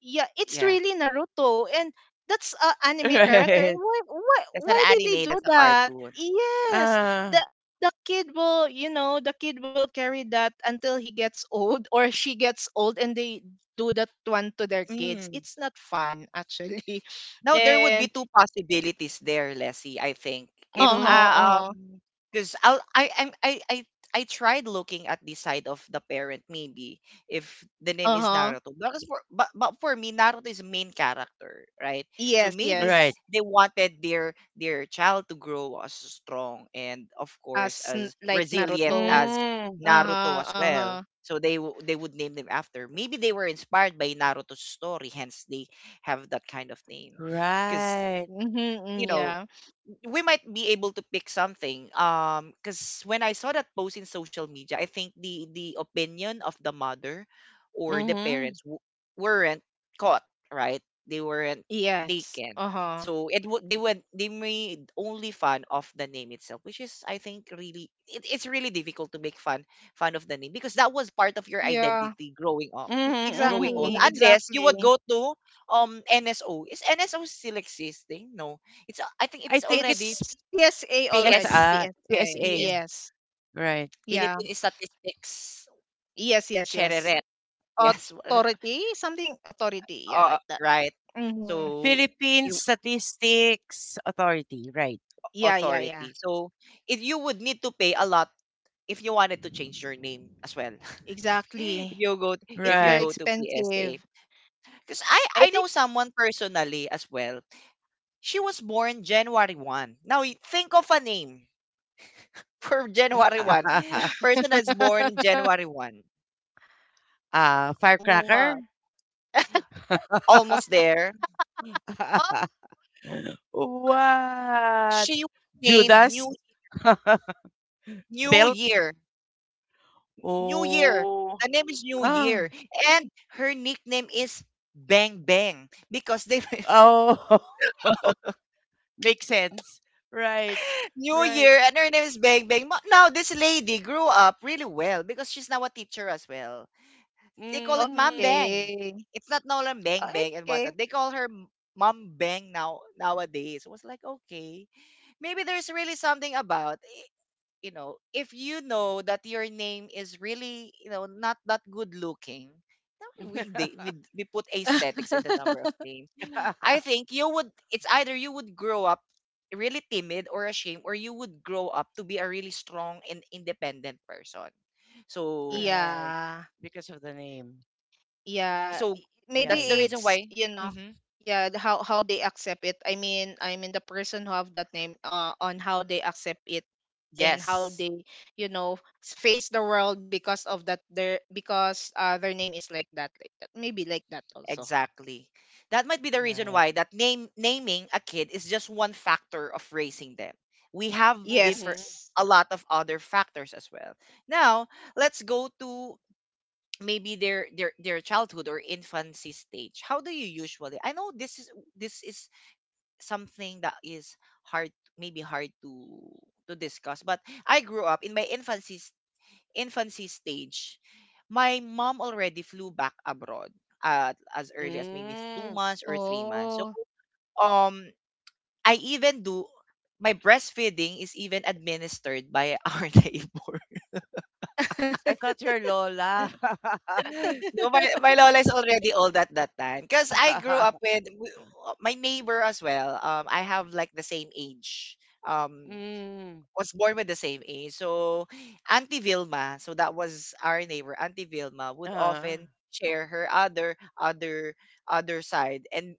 Speaker 3: Yeah, it's
Speaker 1: Yeah,
Speaker 3: really Naruto, and that's a anime character. And
Speaker 2: Right.
Speaker 1: that's an
Speaker 3: why did they
Speaker 1: anime.
Speaker 3: do
Speaker 1: That's a
Speaker 3: that?
Speaker 1: cartoon.
Speaker 3: Yes,
Speaker 1: Yeah.
Speaker 2: Uh.
Speaker 3: the the kid will carry that until he gets old or she gets old, and they do that one to their kids.
Speaker 1: Mm.
Speaker 3: It's not fun, actually.
Speaker 1: No, there would be
Speaker 3: And
Speaker 1: two possibilities there, Leslie, I think. If
Speaker 3: uh huh,
Speaker 2: Mhm.
Speaker 3: uh huh,
Speaker 1: Because I I'm- I tried looking at the side of the parent, maybe if the name
Speaker 3: uh
Speaker 1: is
Speaker 3: huh.
Speaker 1: Naruto. But for me Naruto is main character, right? So
Speaker 3: Yes,
Speaker 1: maybe
Speaker 2: Right.
Speaker 3: yes.
Speaker 1: they wanted their child to grow as strong and of course
Speaker 3: As
Speaker 1: as
Speaker 3: like
Speaker 1: resilient
Speaker 3: Naruto.
Speaker 1: as
Speaker 2: Mm.
Speaker 3: Uh
Speaker 1: Naruto
Speaker 3: huh,
Speaker 1: as
Speaker 3: uh huh.
Speaker 1: well. So they would name them after. Maybe they were inspired by Naruto's story, hence they have that kind of name because
Speaker 2: Right.
Speaker 3: Mm-hmm,
Speaker 1: you
Speaker 3: mm,
Speaker 1: know
Speaker 3: yeah.
Speaker 1: we might be able to pick something because when I saw that post in social media, I think the opinion of the mother or the
Speaker 2: Mhm.
Speaker 1: parents weren't caught right. They weren't
Speaker 3: Yes.
Speaker 1: taken.
Speaker 3: Uh huh.
Speaker 1: So it would they made only fun of the name itself, which is I think really, it's really difficult to make fun of the name, because that was part of your
Speaker 3: Yeah.
Speaker 1: identity growing up,
Speaker 2: Mhm.
Speaker 1: growing
Speaker 2: Mhm.
Speaker 1: old,
Speaker 3: Exactly,
Speaker 2: Mhm.
Speaker 1: unless you would
Speaker 3: exactly.
Speaker 1: go to NSO. Is NSO still existing? No, it's a, I think
Speaker 2: I
Speaker 1: it's
Speaker 2: think
Speaker 1: already
Speaker 2: it's
Speaker 3: It's PSA already,
Speaker 1: PS
Speaker 2: PSA.
Speaker 3: PSA.
Speaker 2: PSA.
Speaker 1: PS
Speaker 3: Yes.
Speaker 2: Right.
Speaker 3: Yeah.
Speaker 1: Philippine Statistics,
Speaker 3: Yes, yes, yes.
Speaker 1: Chereret. Yes,
Speaker 3: Authority, something authority. Yeah, like that.
Speaker 1: right.
Speaker 3: Mm-hmm.
Speaker 1: So
Speaker 2: Philippine
Speaker 1: you
Speaker 2: Statistics Authority. Right.
Speaker 3: Yeah, yeah, yeah.
Speaker 1: authority. So if you would need to pay a lot if you wanted to change your name as well. if
Speaker 3: Exactly.
Speaker 1: if you go
Speaker 3: It's
Speaker 1: if you
Speaker 3: very
Speaker 2: Right.
Speaker 1: go to PSA.
Speaker 3: expensive.
Speaker 1: Because I
Speaker 3: I
Speaker 1: I
Speaker 3: think.
Speaker 1: know someone personally as well. She was born January 1. Now think of a name for January 1. Person that's born January 1.
Speaker 2: Firecracker.
Speaker 3: What?
Speaker 1: Almost there.
Speaker 3: Oh,
Speaker 2: What?
Speaker 1: She was named
Speaker 2: Judas.
Speaker 1: New
Speaker 2: Belt.
Speaker 1: Year. New Year.
Speaker 2: Oh.
Speaker 1: The name is New
Speaker 2: Ah.
Speaker 1: Year. And her nickname is Bang Bang because they
Speaker 2: Oh, makes sense. Right.
Speaker 1: New
Speaker 2: Right.
Speaker 1: Year and her name is Bang Bang. Now this lady grew up really well because she's now a teacher as well. They call
Speaker 3: oh,
Speaker 1: it Mom
Speaker 2: Mhm.
Speaker 1: Bang.
Speaker 3: okay.
Speaker 1: It's not no longer
Speaker 3: Oh,
Speaker 1: Bang
Speaker 3: it's
Speaker 1: Bang and
Speaker 3: okay.
Speaker 1: whatnot. They call her Mom Bang now nowadays. It was like okay, maybe there's really something about. You if you know that your name is really, not that good looking, then we they, we we put aesthetics in the number of name. I think you would. It's either you would grow up really timid or ashamed, or you would grow up to be a really strong and independent person. So
Speaker 2: Right.
Speaker 3: Yeah.
Speaker 2: Because of the name.
Speaker 3: Yeah,
Speaker 1: so
Speaker 2: Yeah,
Speaker 1: that's the
Speaker 3: maybe
Speaker 2: yeah.
Speaker 1: reason
Speaker 3: it's
Speaker 1: why. Hmm,
Speaker 3: yeah, how they accept it. I mean, the person who have that name, on how they accept it and how
Speaker 1: yes.
Speaker 3: they you know face the world because of that their name is like that, like that, maybe like that also.
Speaker 1: Exactly. That might be the reason
Speaker 2: Right.
Speaker 1: why that name naming a kid is just one factor of raising them. We have
Speaker 3: Yes.
Speaker 1: differ
Speaker 2: Mhm.
Speaker 1: a lot of other factors as well. Now, let's go to maybe their childhood or infancy stage. How do you usually? I know this is something that is hard maybe hard to discuss, but I grew up in my infancy stage. My mom already flew back abroad at as early as maybe two
Speaker 2: Mm.
Speaker 1: months or 3 months. So
Speaker 3: Oh.
Speaker 1: um I even do my breastfeeding is even administered by our neighbor.
Speaker 2: I thought you're Lola.
Speaker 1: No, my lola is already old at that time. Because I grew up with my neighbor as well. I have like the same age. Um,
Speaker 2: Mm.
Speaker 1: was born with the same age. So Auntie Vilma, so that was our neighbor, Auntie Vilma would
Speaker 2: uh
Speaker 1: often share her other side and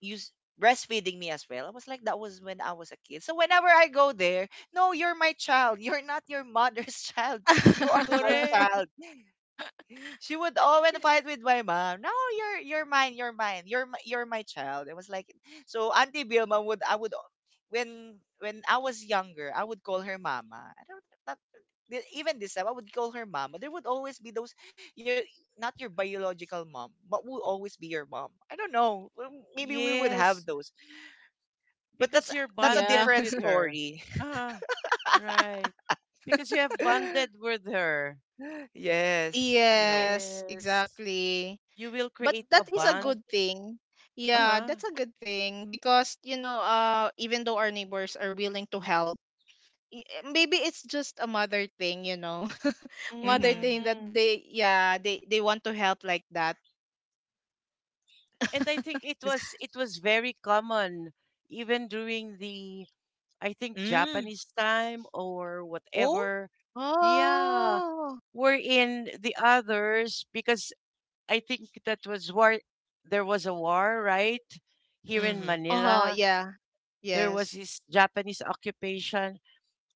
Speaker 1: use breastfeeding me as well. I was like, that was when I was a kid. So whenever I go there, no, you're my child. You're not your mother's child. You are my
Speaker 2: Correct.
Speaker 1: child, she would always fight with my mom. No, you're mine, you're mine, you're my child. It was like so. Auntie Vilma would I would, when I was younger, I would call her mama. I don't not even this time I would call her mama. There would always be those, your not your biological mom, but will always be your mom. I don't know. Maybe we would have
Speaker 2: Yes.
Speaker 1: those, but
Speaker 2: Because
Speaker 1: that's
Speaker 2: you're
Speaker 1: that's a
Speaker 3: Yeah,
Speaker 2: bonded
Speaker 1: different
Speaker 2: with her.
Speaker 1: story.
Speaker 2: Ah, right. Because you have bonded with her.
Speaker 1: Yes, you know.
Speaker 3: yes,
Speaker 2: Yes.
Speaker 3: exactly.
Speaker 2: You will
Speaker 3: But
Speaker 2: create a
Speaker 3: that is a
Speaker 2: bond.
Speaker 3: good thing. Yeah,
Speaker 2: Uh-huh.
Speaker 3: that's a good thing because even though our neighbors are willing to help, i- maybe it's just a mother thing. Mother
Speaker 1: Mm-hmm.
Speaker 3: thing that
Speaker 2: Hmm.
Speaker 3: they, yeah, they want to help like that.
Speaker 2: And I think it was very common even during the, I think,
Speaker 1: Mm.
Speaker 2: Japanese time or
Speaker 1: Oh.
Speaker 2: whatever. Yeah,
Speaker 3: Oh,
Speaker 2: we're in the others because I think that was war. There was a war, right? Here in
Speaker 1: Mm-hmm.
Speaker 3: uh-huh,
Speaker 2: Manila,
Speaker 3: yeah,
Speaker 2: there was
Speaker 3: yes.
Speaker 2: this Japanese occupation.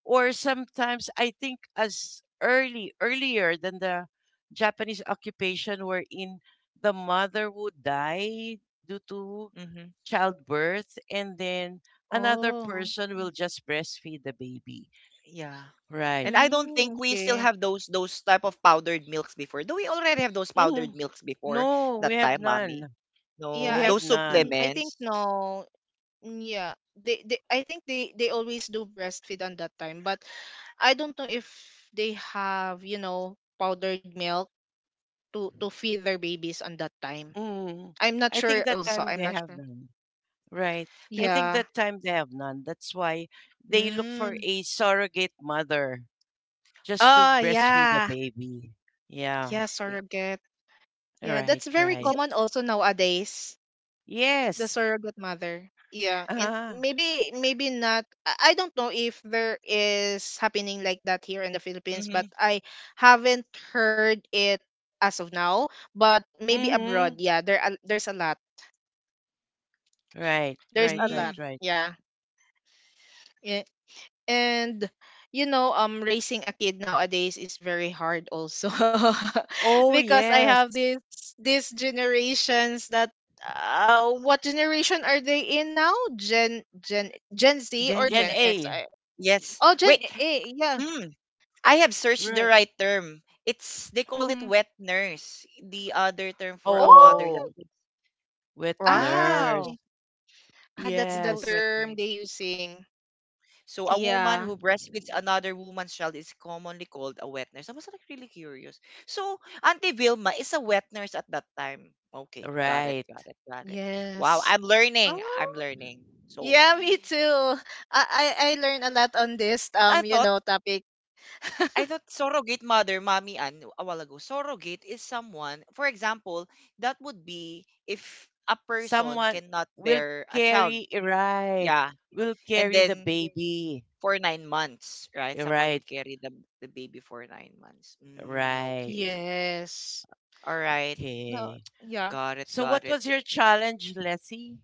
Speaker 2: Or sometimes I think as early, earlier than the Japanese occupation, wherein the mother would die due to
Speaker 1: Mm-hmm.
Speaker 2: childbirth, and then another
Speaker 3: Oh.
Speaker 2: person will just breastfeed the baby.
Speaker 1: Yeah.
Speaker 2: Right.
Speaker 1: And I don't
Speaker 3: Mm,
Speaker 1: think we still
Speaker 3: okay.
Speaker 1: have those type of powdered milks before. Do we already have those
Speaker 2: Hmm.
Speaker 1: powdered milks before
Speaker 2: No, we
Speaker 1: that
Speaker 2: have
Speaker 1: time, mommy?
Speaker 2: none.
Speaker 1: No,
Speaker 3: Yeah,
Speaker 2: We
Speaker 3: i
Speaker 1: those
Speaker 2: have
Speaker 3: mm,
Speaker 2: none.
Speaker 3: i think
Speaker 1: supplements.
Speaker 3: no. Mm, yeah, they I think they always do breastfeed on that time. But I don't know if they have, powdered milk to feed their babies on that time.
Speaker 2: Mm.
Speaker 3: I'm not
Speaker 2: I
Speaker 3: sure
Speaker 2: think that
Speaker 3: also.
Speaker 2: time
Speaker 3: I'm
Speaker 2: they
Speaker 3: not
Speaker 2: have
Speaker 3: sure.
Speaker 2: none. Right. I
Speaker 1: Because,
Speaker 2: think
Speaker 3: Yeah.
Speaker 2: that time they have none. That's why they look for
Speaker 1: mm,
Speaker 2: a surrogate mother just to
Speaker 3: Oh,
Speaker 2: breastfeed the
Speaker 3: yeah.
Speaker 2: baby. Yeah.
Speaker 3: Yeah,
Speaker 1: wait,
Speaker 3: surrogate. Yeah,
Speaker 2: Right,
Speaker 3: that's very
Speaker 1: is
Speaker 2: right.
Speaker 1: it?
Speaker 3: common also nowadays. The
Speaker 2: Yes.
Speaker 3: surrogate mother, yeah. And
Speaker 2: Uh-huh.
Speaker 3: maybe not. I don't know if there is happening like that here in the Philippines, but
Speaker 1: Mm,
Speaker 3: I haven't heard it as of now. But maybe
Speaker 2: Mm-hmm.
Speaker 3: abroad, yeah, there's a lot.
Speaker 2: Right, right, right,
Speaker 1: mm,
Speaker 2: right.
Speaker 3: Yeah, yeah. And you know, raising a kid nowadays is very hard also.
Speaker 2: Oh,
Speaker 3: Because I
Speaker 2: yes.
Speaker 3: have this these generations that, what generation are they in now? Gen Z or
Speaker 1: Gen
Speaker 2: Gen
Speaker 3: gen
Speaker 1: Z.
Speaker 3: x?
Speaker 2: A.
Speaker 1: Yes.
Speaker 3: Oh, gen
Speaker 1: Wait.
Speaker 3: a, yeah.
Speaker 1: Mm, I have searched the
Speaker 2: Right.
Speaker 1: right term. It's, they call it
Speaker 3: Mm-hmm.
Speaker 1: wet nurse. The other term for a mother that.
Speaker 3: Oh.
Speaker 2: Oh, with
Speaker 3: Aha,
Speaker 2: nurse.
Speaker 3: okay.
Speaker 1: Wow.
Speaker 3: Ah, that's
Speaker 1: They
Speaker 3: the
Speaker 1: call it
Speaker 2: Yes.
Speaker 1: wet
Speaker 3: term they
Speaker 1: nurse.
Speaker 3: using.
Speaker 1: So a woman
Speaker 3: Yeah.
Speaker 1: who breastfeeds another woman's child is commonly called a wet nurse. I was like really curious. So Auntie Vilma is a wet nurse at that time. Okay, got it,
Speaker 2: Right.
Speaker 1: got it, got it. Wow,
Speaker 3: Yes.
Speaker 1: I'm learning. I'm
Speaker 3: Oh,
Speaker 1: learning. So
Speaker 3: yeah, me too. I learned a lot on this
Speaker 1: I thought
Speaker 3: topic.
Speaker 1: I thought surrogate mother, mommy Ann, a while ago. Surrogate is someone, for example, that would be if a person
Speaker 2: Someone
Speaker 1: cannot
Speaker 2: will
Speaker 1: bear a child.
Speaker 2: carry, right.
Speaker 1: Yeah.
Speaker 2: Will
Speaker 1: And
Speaker 2: carry the
Speaker 1: then
Speaker 2: baby.
Speaker 1: for 9 months, right? Someone
Speaker 2: Right,
Speaker 1: would carry the baby for 9 months. Mm,
Speaker 2: right.
Speaker 1: okay.
Speaker 3: Yes.
Speaker 1: All right.
Speaker 3: No,
Speaker 2: Okay.
Speaker 3: yeah.
Speaker 1: Got it.
Speaker 2: So
Speaker 1: Got
Speaker 2: what
Speaker 1: it.
Speaker 2: was your
Speaker 1: Eh,
Speaker 2: challenge, Leslie,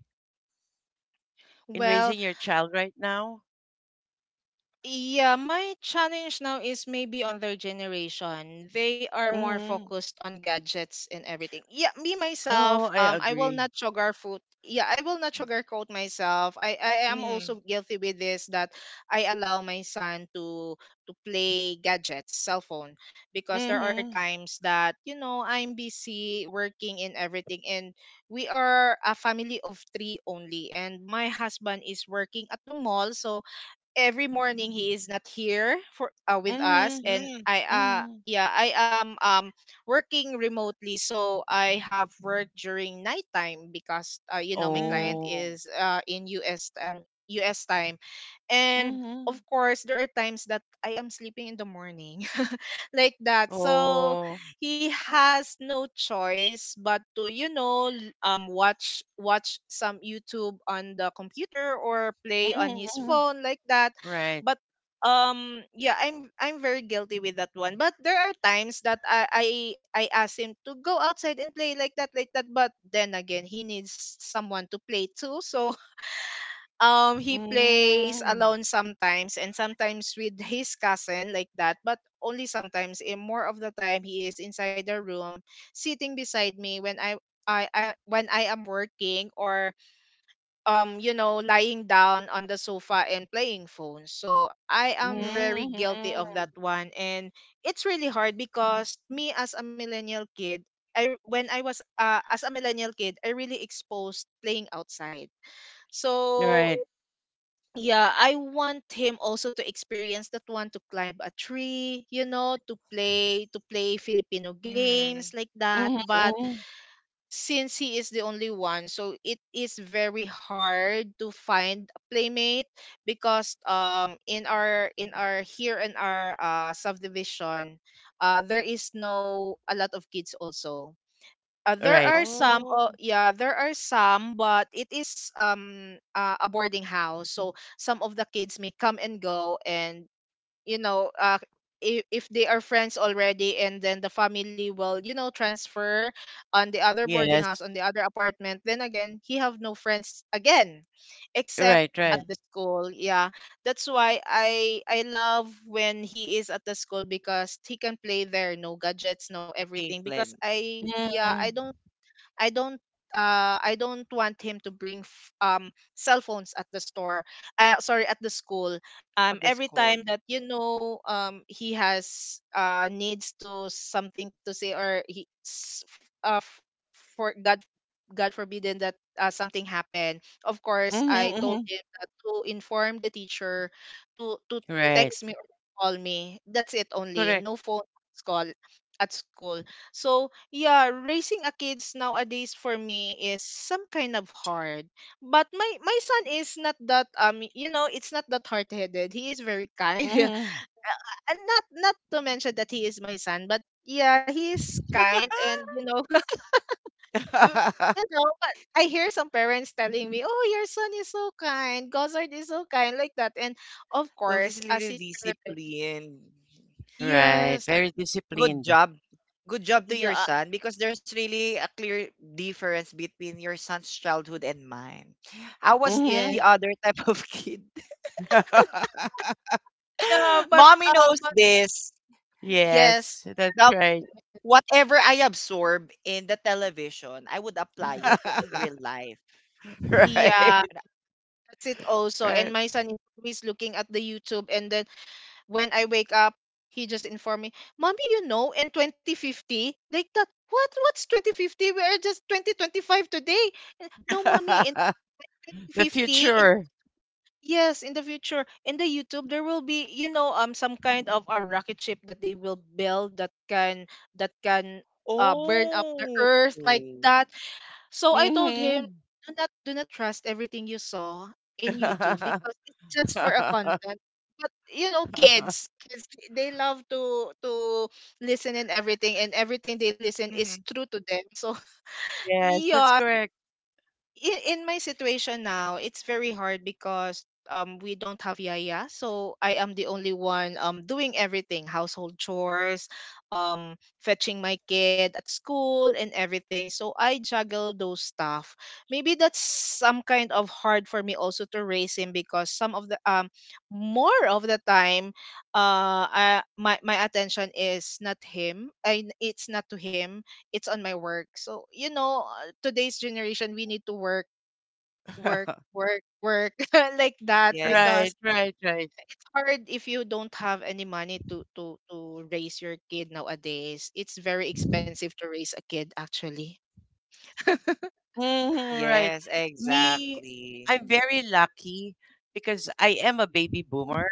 Speaker 2: in
Speaker 3: Well,
Speaker 2: raising your child right now?
Speaker 3: yeah, my challenge now is maybe on their generation. They are more
Speaker 2: Mhm.
Speaker 3: focused on gadgets and everything. Yeah, me myself,
Speaker 2: Oh, I
Speaker 3: I will
Speaker 2: agree.
Speaker 3: not sugarcoat. Yeah, I will not sugarcoat myself. I am
Speaker 1: mm,
Speaker 3: also guilty with this that I allow my son to play gadgets, cell phone, because there are
Speaker 2: Mhm.
Speaker 3: times that I'm busy working and everything, and we are a family of three only, and my husband is working at the mall, so every morning he is not here for with us.
Speaker 2: Mhm.
Speaker 3: And
Speaker 1: mm,
Speaker 3: i uh
Speaker 2: Mhm.
Speaker 3: yeah i am working remotely, so I have work during nighttime because my
Speaker 1: mm-hmm,
Speaker 3: client
Speaker 2: Oh.
Speaker 3: is in US US time. And of
Speaker 2: Mhm.
Speaker 3: course there are times that I am sleeping in the morning. Like that. So
Speaker 2: Oh.
Speaker 3: he has no choice but to watch some YouTube on the computer or play on
Speaker 2: Mhm.
Speaker 3: his
Speaker 2: Mhm.
Speaker 3: phone like that.
Speaker 2: Right.
Speaker 3: But yeah, I'm very guilty with that one. But there are times that I ask him to go outside and play like that, like that. But then again, he needs someone to play too. So he plays
Speaker 2: Mm.
Speaker 3: alone sometimes, and sometimes with his cousin, like that. But only sometimes, and more of the time he is inside the room sitting beside me when I am working or lying down on the sofa and playing phone. So I am
Speaker 1: mm,
Speaker 3: very
Speaker 2: Mhm.
Speaker 3: guilty of that one. And it's really hard because me as a millennial kid, when I was, as a millennial kid, I really exposed playing outside. So
Speaker 2: Right.
Speaker 3: yeah, I want him also to experience that one, to climb a tree, to play Filipino games
Speaker 1: mm.
Speaker 3: like that.
Speaker 2: Mhm.
Speaker 3: But
Speaker 2: Mhm.
Speaker 3: since he is the only one, so it is very hard to find a playmate because in our subdivision, there is no a lot of kids also. There
Speaker 2: Right.
Speaker 3: are some.
Speaker 1: Oh,
Speaker 3: Oh yeah, there are some. But it is a boarding house, so some of the kids may come and go. And you know, uh, if they are friends already, and then the family will transfer on the other boarding
Speaker 2: Yes.
Speaker 3: house, on the other apartment. Then again he have no friends again, except
Speaker 2: Right,
Speaker 3: at
Speaker 1: mm-hmm.
Speaker 2: right.
Speaker 3: the school. Yeah, that's why I love when he is at the school because he can play there, no gadgets, no everything. Because
Speaker 1: Caitlin.
Speaker 3: I yeah I
Speaker 2: Mhm.
Speaker 3: don't I don't I don't want him to bring cell phones at the store. Sorry, at the school.
Speaker 1: Oh, that's
Speaker 3: Every
Speaker 1: cold.
Speaker 3: time that he has needs to something to say or he for God forbidden that, something happened. Of course
Speaker 2: Mhm.
Speaker 3: I told
Speaker 2: Mhm.
Speaker 3: him that to inform the teacher, to
Speaker 2: Right.
Speaker 3: text me or call me. That's it only.
Speaker 2: Correct.
Speaker 3: No phone call at school. So yeah, raising a kids nowadays for me is some kind of hard. But my son is not that it's not that hard-headed. He is very kind.
Speaker 2: Mhm.
Speaker 3: And not to mention that he is my son, but yeah, he is kind and mm, but I hear some parents telling me, "Oh, your son is so kind. Gossard is so kind," like that. And of course, as
Speaker 1: Logistically
Speaker 3: his parent,
Speaker 1: disciplined.
Speaker 2: Right.
Speaker 3: yes,
Speaker 2: Very
Speaker 1: Good
Speaker 2: disciplined.
Speaker 1: job. Good job to your
Speaker 3: yeah,
Speaker 1: son, because there's really a clear difference between your son's childhood and mine. I was the
Speaker 3: yeah,
Speaker 2: Mhm.
Speaker 1: other type of kid.
Speaker 3: yeah. But
Speaker 1: Mommy
Speaker 3: uh,
Speaker 1: knows
Speaker 3: but
Speaker 1: this.
Speaker 3: yes,
Speaker 2: Yes, that's
Speaker 1: Now,
Speaker 2: right.
Speaker 1: whatever I absorb in the television, I would apply it in real life.
Speaker 3: yeah.
Speaker 2: Right.
Speaker 1: Ra-
Speaker 3: That's it also. And
Speaker 2: Right.
Speaker 3: my son is always looking at the YouTube, and then when I wake up, he just informed me, "Mommy, you know, in 2050," like that. What's 2050? We are just 2025 today. "No, Mommy, in
Speaker 2: The
Speaker 3: 2050, in,"
Speaker 2: future.
Speaker 3: yes, "in the future, in the YouTube, there will be, you know, some kind of a rocket ship that they will build that can that can burn up the
Speaker 1: Oh.
Speaker 3: earth," like
Speaker 1: Mhm.
Speaker 3: that. So I told him,
Speaker 2: Mhm.
Speaker 3: do not trust everything you saw in YouTube because it's just for a content. But you know, kids, they love to listen, and everything they listen is true to them. So
Speaker 2: Yes, that's
Speaker 3: yeah,
Speaker 2: correct.
Speaker 3: in my situation now, it's very hard because we don't have yaya, so I am the only one doing everything, household chores, fetching my kid at school and everything. So I juggle those stuff. Maybe that's some kind of hard for me also to raise him because some of the more of the time I, my attention is not him. And it's not to him, it's on my work. So you know, today's generation, we need to work, work, work, work like that
Speaker 1: Yes.
Speaker 3: because
Speaker 2: Right,
Speaker 3: it's
Speaker 2: right, right.
Speaker 3: hard if you don't have any money to raise your kid nowadays. It's very expensive to raise a kid, actually.
Speaker 2: Mhm, right.
Speaker 1: Yes,
Speaker 2: Me,
Speaker 1: exactly.
Speaker 2: I'm very lucky because I am a baby boomer,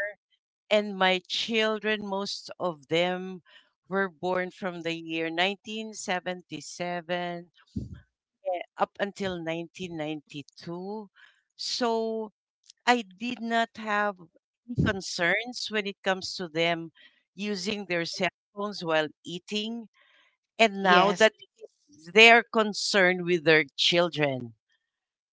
Speaker 2: and my children, most of them, were born from the year 1977, eh, up until 1992. So I did not have any concerns when it comes to them using their cell phones while eating. And now
Speaker 3: Yes,
Speaker 2: that is their concern with their children.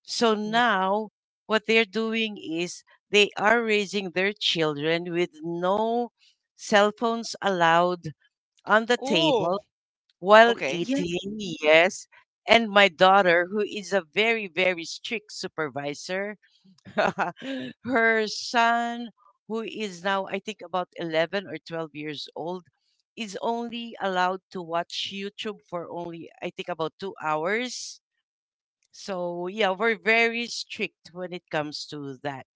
Speaker 2: So
Speaker 3: yes,
Speaker 2: now what they're doing is they are raising their children with no cell phones allowed on the
Speaker 1: Oh,
Speaker 2: table while
Speaker 1: okay.
Speaker 3: yes,
Speaker 2: eating, yes. And my daughter, who is a very, very strict supervisor, her son, who is now, I think, about 11 or 12 years old, is only allowed to watch YouTube for only, I think, about 2 hours. So, yeah, we're very strict when it comes to that.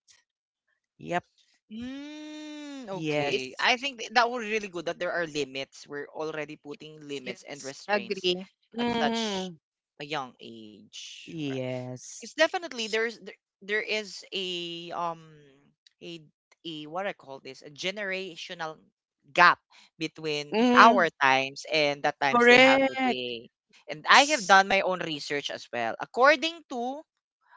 Speaker 2: Yep.
Speaker 1: Mm,
Speaker 3: it,
Speaker 1: okay.
Speaker 2: Yes.
Speaker 1: I think that was really good that there are limits. We're already putting
Speaker 3: yes,
Speaker 1: limits
Speaker 3: yes,
Speaker 1: and
Speaker 3: I
Speaker 1: restraints
Speaker 3: agree.
Speaker 1: at such
Speaker 2: Mm-hmm.
Speaker 1: a young age. It's
Speaker 2: Yes.
Speaker 1: definitely, there's there is a a what I call this a generational gap between our
Speaker 2: Mm-hmm.
Speaker 1: times and the times they have
Speaker 2: Correct.
Speaker 1: today. And I have
Speaker 3: S-
Speaker 1: done my own research as well. According to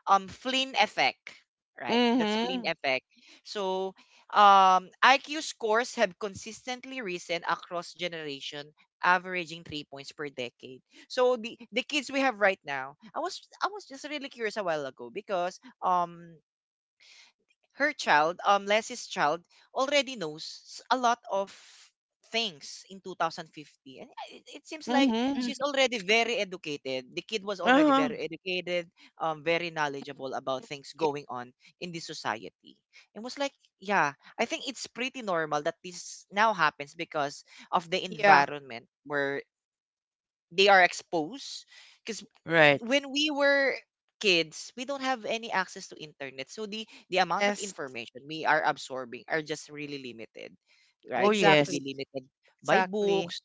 Speaker 1: Flynn effect, right? That's Flynn
Speaker 2: Mm-hmm.
Speaker 1: effect. So, IQ scores have consistently risen across generation, averaging 3 points per decade. So the kids we have right now, I was just really curious a while ago because her child, Leslie's child, already knows a lot of things in 2050. And it seems like
Speaker 3: mhm.
Speaker 2: Mm-hmm.
Speaker 1: she's already very educated. The kid was already
Speaker 2: Uh-huh.
Speaker 1: very educated, very knowledgeable about things
Speaker 3: Y-
Speaker 1: going on in the society. And was like, yeah, I think it's pretty normal that this now happens because of the
Speaker 3: Yeah.
Speaker 1: environment where they are exposed. Because
Speaker 2: Right.
Speaker 1: when we were kids, we don't have any access to internet. So the amount of
Speaker 3: Yes.
Speaker 1: information we are absorbing are just really limited, right?
Speaker 2: Oh,
Speaker 1: It would be
Speaker 3: Exactly.
Speaker 2: yes.
Speaker 1: limited by
Speaker 3: Exactly.
Speaker 1: books,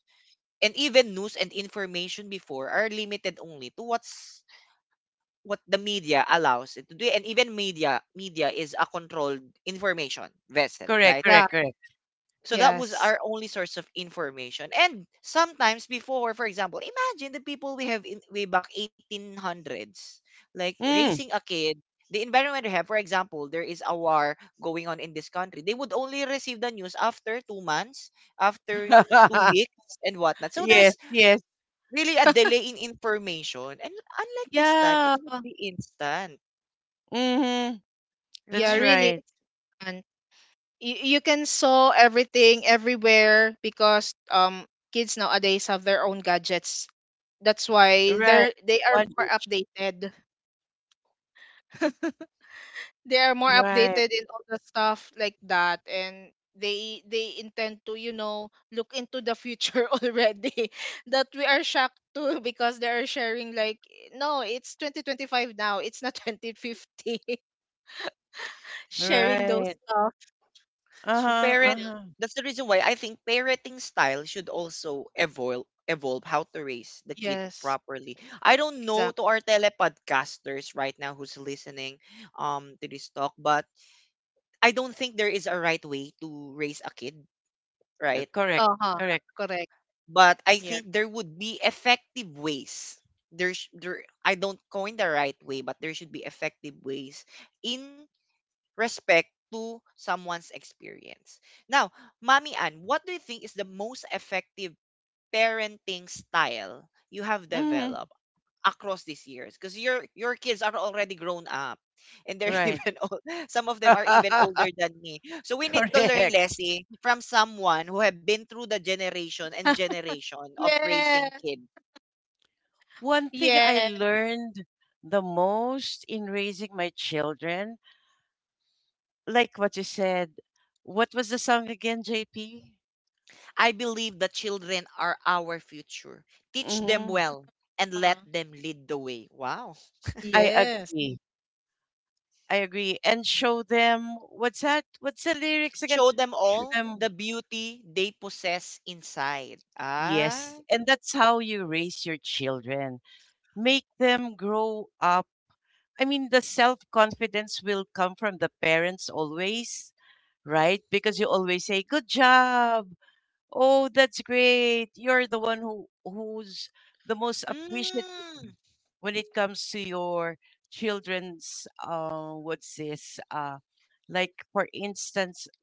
Speaker 1: and even news and information before are limited only to what the media allows it to do. And even media is a controlled information vessel,
Speaker 2: Correct,
Speaker 1: right?
Speaker 3: Yeah.
Speaker 2: correct, correct.
Speaker 1: So that was
Speaker 3: Yes.
Speaker 1: our only source of information. And sometimes before, for example, imagine the people we have in way back 1800s, like raising a
Speaker 2: Mm.
Speaker 1: kid, the environment they have. For example, there is a war going on in this country. They would only receive the news after 2 months, after two weeks, and whatnot. So
Speaker 2: Yes,
Speaker 1: there's
Speaker 2: yes.
Speaker 1: really a delay in information. And unlike this time, it
Speaker 3: Yeah.
Speaker 1: would be instant,
Speaker 2: Mm-hmm.
Speaker 3: Yeah.
Speaker 2: That's
Speaker 1: right?
Speaker 3: Really.
Speaker 2: right.
Speaker 3: It's fun. You can saw everything everywhere because kids nowadays have their own gadgets. That's why
Speaker 2: Right.
Speaker 3: they are
Speaker 2: One
Speaker 3: more
Speaker 2: each.
Speaker 3: updated. They are more
Speaker 2: Right.
Speaker 3: updated in all the stuff like that, and they intend to, you know, look into the future already, that we are shocked too because they are sharing like, no, it's 2025 now, it's not 2050.
Speaker 1: Yeah.
Speaker 3: Sharing those
Speaker 2: Right.
Speaker 3: stuff,
Speaker 1: So
Speaker 2: Uh-huh. Uh-huh.
Speaker 1: parent
Speaker 3: yeah.
Speaker 2: Huh.
Speaker 1: that's the reason why I think parenting style should also evolve, how to raise the kid
Speaker 3: Yes,
Speaker 1: properly. I don't know
Speaker 3: exactly.
Speaker 1: to our telepodcasters right now who's listening to this talk, but I don't think there is a right way to raise a kid, right?
Speaker 2: Correct.
Speaker 3: Uh-huh.
Speaker 2: Correct.
Speaker 3: Correct.
Speaker 1: But I
Speaker 3: Yeah.
Speaker 1: think there would be effective ways. There's there sh- there- I don't coin the right way, but there should be effective ways in respect to someone's experience. Now, Mami Ann, what do you think is the most effective parenting style you have
Speaker 2: Hmm.
Speaker 1: developed across these years? Because your kids are already grown up, and they're
Speaker 2: Right.
Speaker 1: even old. Some of them are even older than me. So we need to learn,
Speaker 2: Correct.
Speaker 1: Leslie, from someone who have been through the generation and generation of raising
Speaker 3: Yes,
Speaker 1: kids.
Speaker 2: One thing I
Speaker 3: yes,
Speaker 2: learned the most in raising my children, like what you said, what was the song again, JP?
Speaker 1: I believe the children are our future. Teach them
Speaker 2: Mm-hmm.
Speaker 1: well and
Speaker 3: uh,
Speaker 1: let them lead the way. Wow.
Speaker 2: I
Speaker 3: yes,
Speaker 2: agree. I agree. And show them, what's that? What's the lyrics again?
Speaker 1: Show them
Speaker 2: Show
Speaker 1: all
Speaker 2: them.
Speaker 1: the beauty they possess inside.
Speaker 2: Yes.
Speaker 1: Ah.
Speaker 2: And that's how you raise your children, make them grow up. I mean, the self confidence will come from the parents always, right? Because you always say, "Good job! Oh, that's great!" You're the one who's the most appreciative
Speaker 1: Mm.
Speaker 2: when it comes to your children's, what's this? Uh, like for instance,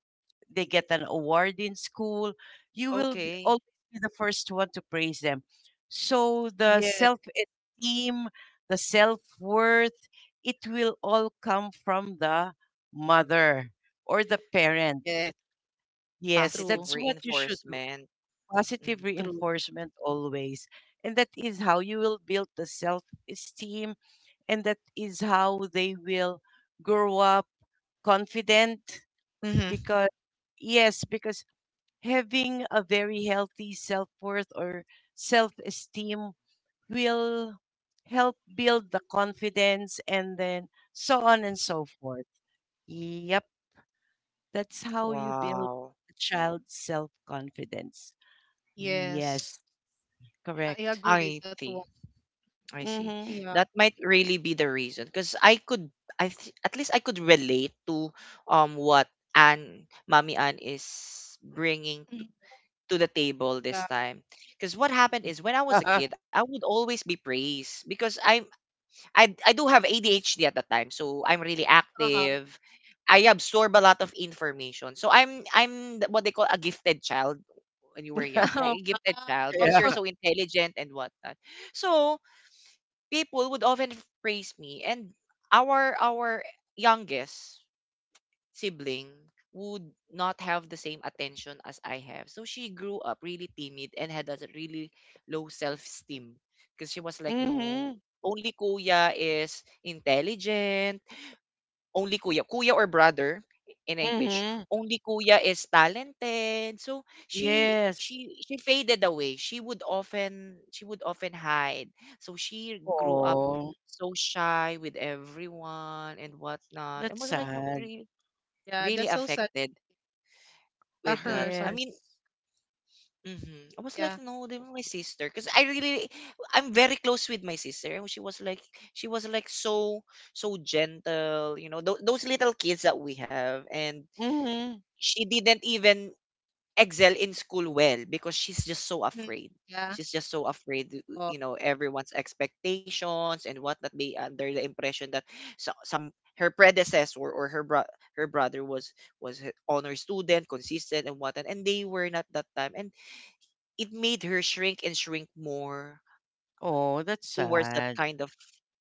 Speaker 2: they get an award in school, you will be,
Speaker 1: Okay.
Speaker 2: always be the first one to praise them. So the
Speaker 3: yes,
Speaker 2: self esteem, the self worth, it will all come from the mother or the parents.
Speaker 3: yes.
Speaker 2: Yes, that's
Speaker 1: Positive
Speaker 3: True.
Speaker 2: what you should do.
Speaker 1: reinforcement.
Speaker 2: Positive
Speaker 1: Mhm.
Speaker 3: True.
Speaker 2: reinforcement always. And that is how you will build the self esteem. And that is how they will grow up confident
Speaker 1: Mhm.
Speaker 2: because, yes, because having a very healthy self worth or self esteem will help build the confidence, and then so on and so forth. Yep, that's how you build
Speaker 1: Wow.
Speaker 2: a child's self confidence.
Speaker 3: Yes,
Speaker 2: Yes,
Speaker 3: I
Speaker 2: correct.
Speaker 3: agree with
Speaker 1: I
Speaker 3: that one.
Speaker 1: see. I see.
Speaker 2: Mm-hmm.
Speaker 3: Yeah.
Speaker 1: That might really be the reason because I could I th- at least I could relate to what Anne, Mommy Anne is bringing to the table this
Speaker 3: Yeah.
Speaker 1: time. Because what happened is when I was a kid, I would always be praised because I do have ADHD at that time, so I'm really
Speaker 3: Uh-huh.
Speaker 1: active. I absorb a lot of information. So what they call a gifted child when you were young, like
Speaker 3: Oh,
Speaker 1: a gifted child
Speaker 3: wow.
Speaker 1: because
Speaker 2: Yeah.
Speaker 1: you're so intelligent and whatnot. So people would praise me, and our youngest sibling would not have the same attention as I have. So she grew up really timid and had a really low self-esteem because she was like, no,
Speaker 2: Mm-hmm.
Speaker 1: only kuya is intelligent. Only kuya, or brother in English.
Speaker 2: Mm-hmm.
Speaker 1: Only kuya is talented. So she
Speaker 2: Yes.
Speaker 1: she she faded away. She would often hide. So she grew up
Speaker 2: Oh,
Speaker 1: so shy with everyone and whatnot. And
Speaker 2: that's
Speaker 1: was like, no,
Speaker 2: sad.
Speaker 1: really
Speaker 3: Yeah,
Speaker 1: really
Speaker 3: that's so sad.
Speaker 1: affected with that. I
Speaker 3: Sorry.
Speaker 2: Yes.
Speaker 1: mean, mhm. I was like,
Speaker 3: Yeah.
Speaker 1: no, they were my sister, because I really, I'm very close with my sister, and she was like so, so gentle, you know, those little kids that we have, and
Speaker 2: Mm-hmm.
Speaker 1: she didn't even excel in school well because she's just so
Speaker 3: Mhm.
Speaker 1: afraid.
Speaker 3: Yeah.
Speaker 1: She's just so afraid,
Speaker 3: Oh,
Speaker 1: you know, everyone's expectations and whatnot. They under the impression that so, some her predecessor or her brother was her honor student, consistent and whatnot, and they were not that time, and it made her shrink and shrink more
Speaker 2: Oh, that's
Speaker 1: towards that
Speaker 2: sad.
Speaker 1: kind of,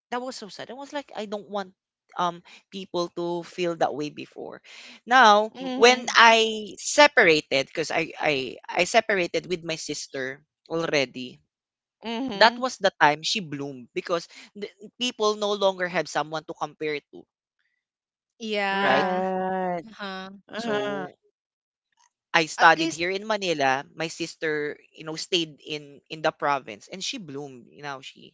Speaker 1: that was so sad. I was like, I don't want um people to feel that way before. Now,
Speaker 3: y-
Speaker 1: when
Speaker 2: Mm-hmm.
Speaker 1: I separated, because I separated with my sister already. That
Speaker 2: Mm-hmm.
Speaker 1: was the time she bloomed because the, people no longer have someone to compare to, right?
Speaker 3: yeah.
Speaker 2: Right.
Speaker 3: Uh-huh.
Speaker 2: Uh-huh.
Speaker 1: So I
Speaker 3: At
Speaker 1: studied
Speaker 3: least
Speaker 1: here in Manila. My sister, you know, stayed in the province and she bloomed. You know,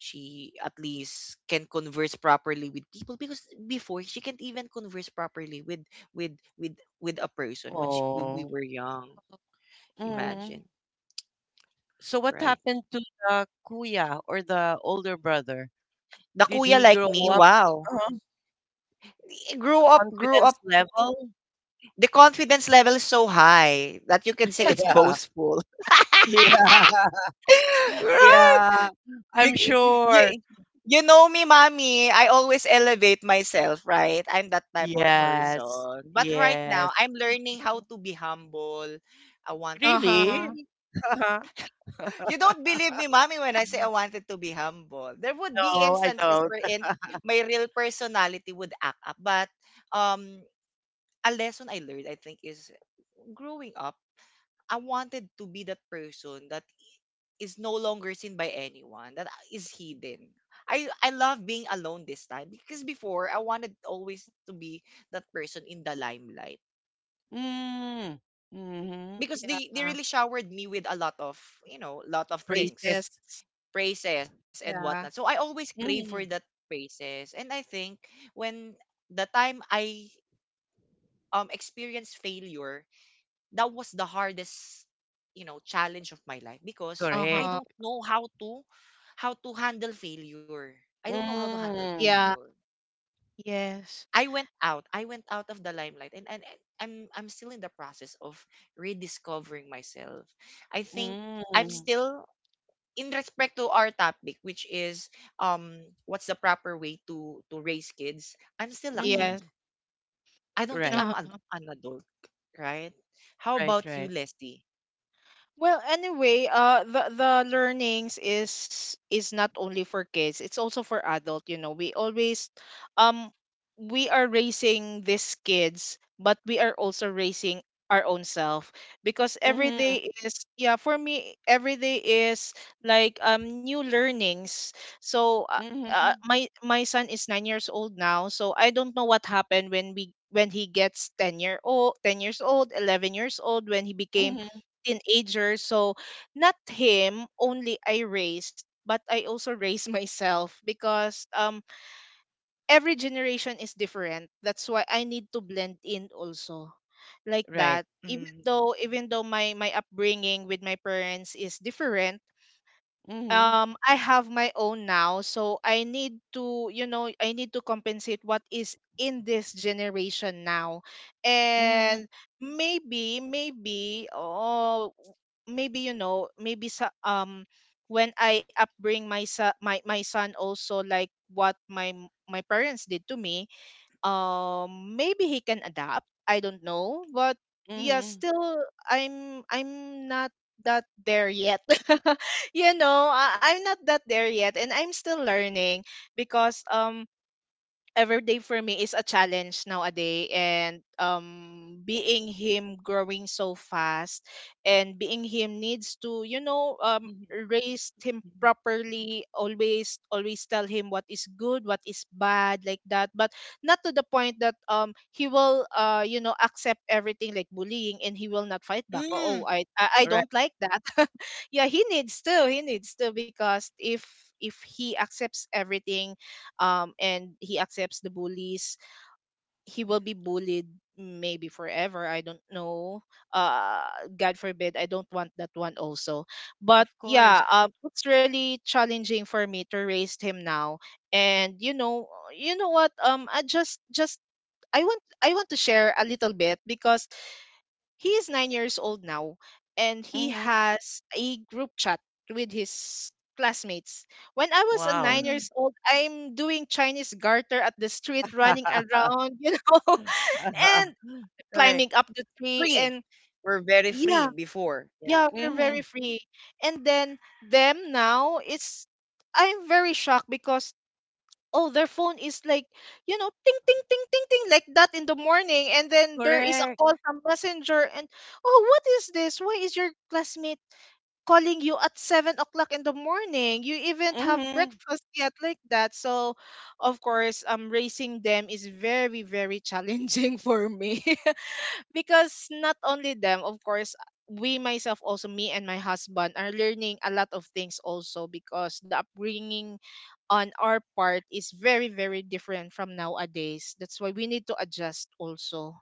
Speaker 1: she at least can converse properly with people because before she can't even converse properly with with with with a person when we
Speaker 2: Oh.
Speaker 1: were young.
Speaker 2: Hmm.
Speaker 1: Imagine,
Speaker 2: So what
Speaker 1: right?
Speaker 2: happened to the kuya or the older brother?
Speaker 1: The
Speaker 2: Did
Speaker 1: kuya
Speaker 2: he
Speaker 1: like
Speaker 2: grow
Speaker 1: me,
Speaker 2: up,
Speaker 1: wow.
Speaker 2: uh,
Speaker 1: Eh, grew
Speaker 2: confidence
Speaker 1: up.
Speaker 2: level?
Speaker 1: The confidence level is so high that you can say it's
Speaker 3: something.
Speaker 2: Yeah.
Speaker 1: boastful.
Speaker 2: Yeah.
Speaker 1: Right?
Speaker 2: Yeah. I'm
Speaker 1: Bec-
Speaker 2: sure.
Speaker 1: you, you know me, mommy. I always elevate myself, right? I'm that type of
Speaker 2: Yes.
Speaker 1: person. But right now,
Speaker 2: Yes.
Speaker 1: I'm learning how to be humble. I wanted to
Speaker 2: Really?
Speaker 3: Uh-huh.
Speaker 1: really. You don't believe me, mommy, when I say I wanted to be humble. There would be
Speaker 2: No, I
Speaker 1: instances
Speaker 2: don't.
Speaker 1: wherein my real personality would act up. But um, a lesson I learned, I think, is growing up. I wanted to be that person that is no longer seen by anyone, that is hidden. I love being alone this time because before I wanted always to be that person in the limelight
Speaker 2: Mm. Mm-hmm.
Speaker 1: because they
Speaker 3: Yeah.
Speaker 1: really showered me with a lot of, you know, lot of
Speaker 2: Praises.
Speaker 1: things,
Speaker 3: Racist.
Speaker 1: praises and whatnot, so
Speaker 3: Yeah.
Speaker 1: I always crave for that
Speaker 2: Mm.
Speaker 1: praises. And I think when the time I experience failure, that was the hardest, you know, challenge of my life because
Speaker 2: Correct.
Speaker 1: I
Speaker 3: Uh-huh.
Speaker 1: don't know how to handle failure. I don't know how to handle
Speaker 2: Mm.
Speaker 3: Yeah.
Speaker 1: failure.
Speaker 3: Yes.
Speaker 1: I went out. I went out of the limelight, and I'm still in the process of rediscovering myself. I think
Speaker 2: Mm.
Speaker 1: I'm still in respect to our topic, which is um what's the proper way to raise kids? I'm still a kid.
Speaker 3: Yes.
Speaker 2: Mhm.
Speaker 1: I don't
Speaker 2: Right.
Speaker 1: think
Speaker 3: Uh-huh.
Speaker 1: I'm an adult, right? How
Speaker 2: Right.
Speaker 1: about
Speaker 2: Right.
Speaker 1: you, Leslie?
Speaker 3: Well, anyway, the learnings is not only for kids; it's also for adult. You know, we always, um, we are raising these kids, but we are also raising our own self because every
Speaker 2: Mhm.
Speaker 3: day is, yeah, for me every day is like new learnings. So uh,
Speaker 2: Mhm.
Speaker 3: uh, my my son is 9 years old now, so I don't know what happened when he gets 10-year old, 10 years old, 11 years old, when he became
Speaker 2: Mhm.
Speaker 3: teenager. So not him only I raised, but I also raised myself because every generation is different. That's why I need to blend in also, like
Speaker 2: Right.
Speaker 3: that. Even
Speaker 1: Mm-hmm.
Speaker 3: though even though my upbringing with my parents is different,
Speaker 2: Mhm.
Speaker 3: I have my own now, so I need to, you know, I need to compensate what is in this generation now.
Speaker 2: Mhm.
Speaker 3: And maybe maybe oh maybe you know maybe sa when I upbring my sa- my son, also, like what my parents did to me, maybe he can adapt, I don't know. But yeah,
Speaker 2: Mhm.
Speaker 3: still, I'm not that there yet. You know, I'm not that there yet, and I'm still learning because every day for me is a challenge nowadays. And being him growing so fast, and being him, needs to, you know, raise him properly. Always tell him what is good, what is bad, like that. But not to the point that he will, you know, accept everything, like bullying, and he will not fight back. Oh,
Speaker 1: Mm,
Speaker 3: I
Speaker 2: Right.
Speaker 3: don't like that. Yeah, he needs to, because if he accepts everything, and he accepts the bullies, he will be bullied maybe forever. I don't know. Uh, God forbid. I don't want that one also.
Speaker 2: Of
Speaker 3: But
Speaker 2: course.
Speaker 3: yeah, it's really challenging for me to raise him now. And you know what? I just I want to share a little bit, because he is 9 years old now, and he
Speaker 2: Mhm.
Speaker 3: has a group chat with his classmates. When I was a nine
Speaker 2: Wow.
Speaker 3: years
Speaker 1: mm,
Speaker 3: old, I'm doing Chinese garter at the street, running around, you know, and
Speaker 2: Correct.
Speaker 3: climbing up the tree.
Speaker 1: free.
Speaker 3: And
Speaker 1: We're very
Speaker 3: yeah,
Speaker 1: free before. Yeah.
Speaker 3: yeah, we're
Speaker 2: Mhm.
Speaker 3: very free. And then them now, it's I'm very shocked because, oh, their phone is like, you know, ting, ting, ting, ting, ting, like that in the morning. And then there is a
Speaker 2: Correct.
Speaker 3: call from messenger, and, oh, what is this? Why is your classmate calling you at 7 o'clock in the morning? You even have
Speaker 2: Mhm.
Speaker 3: breakfast yet, like that? So of course, raising them is very very challenging for me. Because not only them, of course, we, myself also, me and my husband are learning a lot of things also, because the upbringing on our part is very very different from nowadays. That's why we need to adjust also.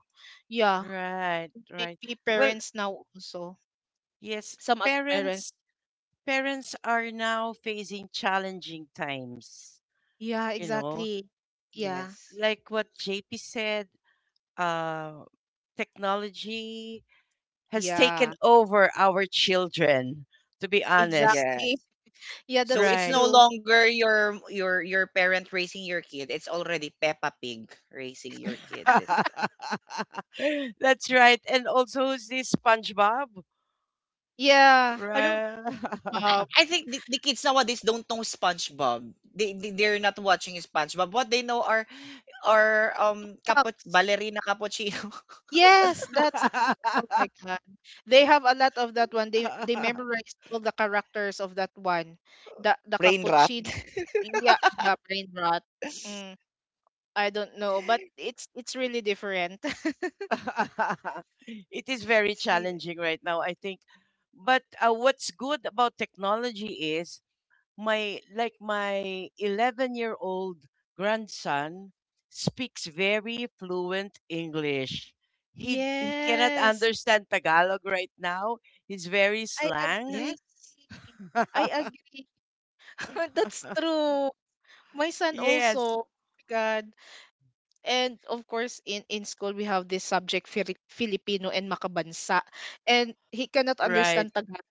Speaker 3: Yeah.
Speaker 2: Right. Right.
Speaker 3: Maybe
Speaker 2: Well,
Speaker 3: parents now also.
Speaker 2: yes,
Speaker 3: Some other parents.
Speaker 2: parents, are now facing challenging times,
Speaker 3: Yeah,
Speaker 2: you know.
Speaker 3: exactly. Yeah.
Speaker 1: Yes.
Speaker 2: Like what JP said, uh technology has
Speaker 3: Yeah,
Speaker 2: taken over our children, to be honest.
Speaker 1: Yes.
Speaker 3: exactly. Yeah,
Speaker 1: So
Speaker 3: that's
Speaker 1: it's
Speaker 2: Right.
Speaker 1: no
Speaker 3: true.
Speaker 1: longer your parent raising your kid. It's already Peppa Pig raising your kid this time.
Speaker 2: That's right. And also, who's this SpongeBob?
Speaker 3: Yeah.
Speaker 1: I don't.
Speaker 2: Right.
Speaker 3: um,
Speaker 1: I think the kids nowadays don't know SpongeBob. They're not watching SpongeBob. What they know are
Speaker 3: socks.
Speaker 1: ballerina cappuccino,
Speaker 3: Yes, that's— oh my god, they have a lot of that one. They memorize all the characters of that one, the
Speaker 1: brain rot.
Speaker 3: cappuccino. Yeah, yeah, brain rot. Mm. I don't know, but it's really different.
Speaker 2: It is very
Speaker 1: It's really-
Speaker 2: challenging right now, I think. But what's good about technology is, my like my 11-year-old grandson speaks very fluent English. He cannot
Speaker 3: Yes,
Speaker 2: understand Tagalog right now. He's very
Speaker 3: I
Speaker 2: slang.
Speaker 3: agree.
Speaker 1: yes,
Speaker 3: I agree. That's true. My son
Speaker 2: Yes,
Speaker 3: also. God. And of course, in school, we have this subject, Filipino and Makabansa. And he cannot
Speaker 2: right,
Speaker 3: understand Tagalog.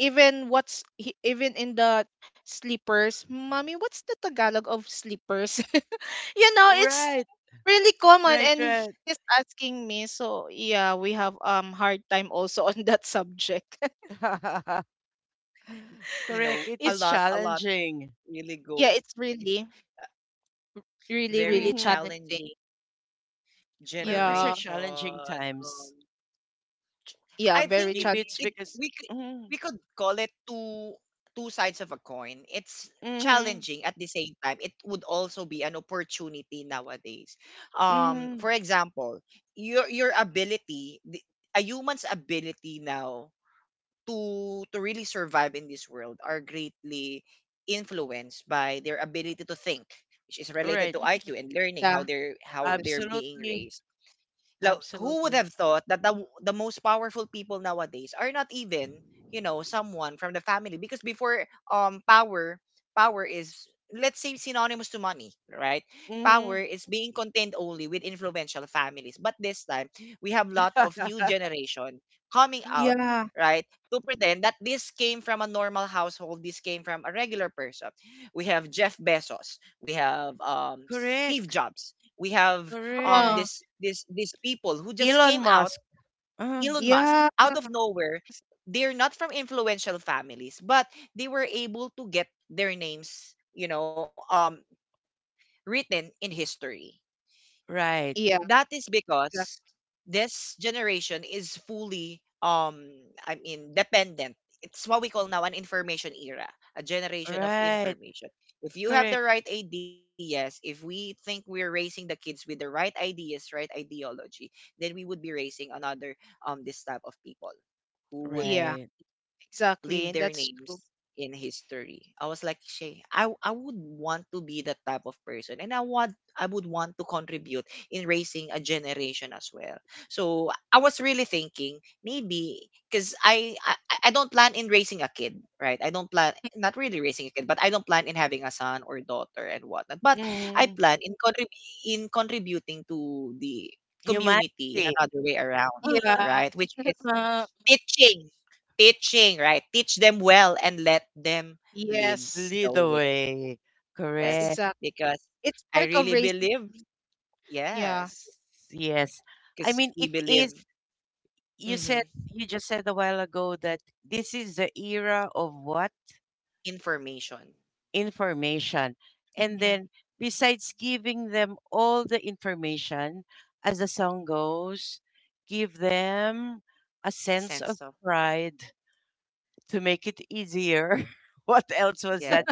Speaker 3: Even— even in the sleepers, mommy, what's the Tagalog of sleepers? You know, it's
Speaker 2: right,
Speaker 3: really common,
Speaker 2: right,
Speaker 3: and
Speaker 2: right.
Speaker 3: he's asking me. So yeah, we have hard time also on that subject.
Speaker 1: you know
Speaker 2: Correct, it
Speaker 3: It—
Speaker 2: is
Speaker 1: a lot
Speaker 2: challenging.
Speaker 1: really go
Speaker 3: yeah, it's really really
Speaker 1: very
Speaker 3: really
Speaker 2: Hmm.
Speaker 3: challenging.
Speaker 1: challenging.
Speaker 2: Well, these
Speaker 3: Yeah,
Speaker 2: are
Speaker 1: Generation.
Speaker 2: challenging times.
Speaker 3: yeah,
Speaker 1: I think
Speaker 3: very
Speaker 2: Maybe it's
Speaker 1: it
Speaker 3: challenging.
Speaker 2: because,
Speaker 1: we could
Speaker 2: mm-hmm,
Speaker 1: we could call it two sides of a coin. It's
Speaker 2: mm-hmm,
Speaker 1: challenging at the same time. It would also be an opportunity nowadays. For
Speaker 2: mm-hmm,
Speaker 1: example, your ability, a human's ability now to really survive in this world are greatly influenced by their ability to think, which is
Speaker 2: right,
Speaker 1: related to
Speaker 3: Mhm.
Speaker 1: IQ and learning
Speaker 3: Yeah.
Speaker 1: how
Speaker 3: Yes.
Speaker 1: they're being
Speaker 2: absolutely.
Speaker 1: raised now. Who would
Speaker 2: Absolutely.
Speaker 1: have thought that the most powerful people nowadays are not even, you know, someone from the family? Because before, power is, let's say, synonymous to money, right?
Speaker 2: Mhm.
Speaker 1: Power is being contained only with influential families. But this time, we have lot of new generation coming out,
Speaker 3: Yeah.
Speaker 1: right, to pretend that this came from a normal household, this came from a regular person. We have Jeff Bezos, we have Steve
Speaker 2: Correct.
Speaker 1: Jobs, we have
Speaker 2: Correct.
Speaker 3: uh,
Speaker 1: this this these people who just
Speaker 2: Elon
Speaker 1: came out,
Speaker 2: Musk. Uh,
Speaker 1: Elon Musk,
Speaker 3: yeah.
Speaker 1: out of nowhere. They're not from influential families, but they were able to get their names, you know, written in history.
Speaker 2: right.
Speaker 3: Yeah.
Speaker 1: That is
Speaker 3: exac-
Speaker 1: because this generation is fully dependent. It's what we call now an information era, a generation of
Speaker 2: Right.
Speaker 1: information. If you have the
Speaker 2: Correct.
Speaker 1: right ideas, if we think we're raising the kids with the right ideas, right ideology, then we would be raising another, um, this type of people who would
Speaker 3: yeah,
Speaker 2: Right.
Speaker 1: leave
Speaker 3: exactly.
Speaker 1: their
Speaker 3: That's
Speaker 1: names
Speaker 3: true.
Speaker 1: in history. I was like, Shay, I would want to be that type of person, and I would want to contribute in raising a generation as well. So I was really thinking, maybe because I don't plan in raising a kid, right? I don't plan not really raising a kid, but I don't plan in having a son or daughter and whatnot. But I
Speaker 2: Mm.
Speaker 1: plan in contributing to the community in
Speaker 2: Humanity.
Speaker 1: another way around,
Speaker 2: Uh,
Speaker 3: Yeah.
Speaker 1: right? Which is teaching. Teaching, right? Teach them well and let them lead
Speaker 3: Yes,
Speaker 1: the
Speaker 2: lead the
Speaker 1: way.
Speaker 2: way.
Speaker 3: yes,
Speaker 1: Yes.
Speaker 2: Correct.
Speaker 3: exactly.
Speaker 1: Because
Speaker 3: It's
Speaker 1: I
Speaker 3: part of
Speaker 1: really
Speaker 3: raising.
Speaker 1: believe,
Speaker 3: Yeah.
Speaker 1: yes.
Speaker 2: Yes. I
Speaker 1: Because
Speaker 2: mean,
Speaker 1: we
Speaker 2: it is,
Speaker 1: believe,
Speaker 2: you said,
Speaker 1: hmm,
Speaker 2: you just said a while ago that this is the era of what?
Speaker 1: information,
Speaker 2: Information. And
Speaker 3: Hmm.
Speaker 2: then, besides giving them all the information, as the song goes, give them a sense of
Speaker 1: sense of,
Speaker 2: pride, to make it easier. What else was that?
Speaker 1: yes.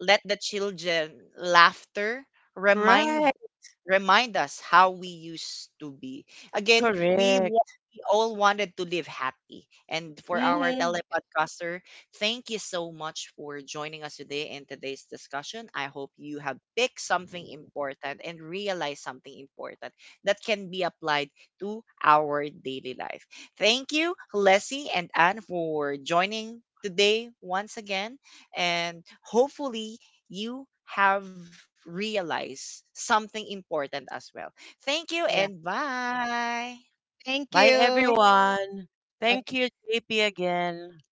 Speaker 1: Let the children, laughter,
Speaker 2: Right,
Speaker 1: remind remind us how we used to be. Again,
Speaker 2: correct.
Speaker 1: we all wanted to live happy. And for our
Speaker 2: Hmm.
Speaker 1: telepodcaster, thank you so much for joining us today in today's discussion. I hope you have picked something important and realized something important that can be applied to our daily life. Thank you, Leslie and Anne, for joining today once again, and hopefully you have realized something important as well. Thank you
Speaker 3: Yeah.
Speaker 1: and bye.
Speaker 3: Thank
Speaker 2: Bye,
Speaker 3: you.
Speaker 2: everyone. Thank you, JP, again.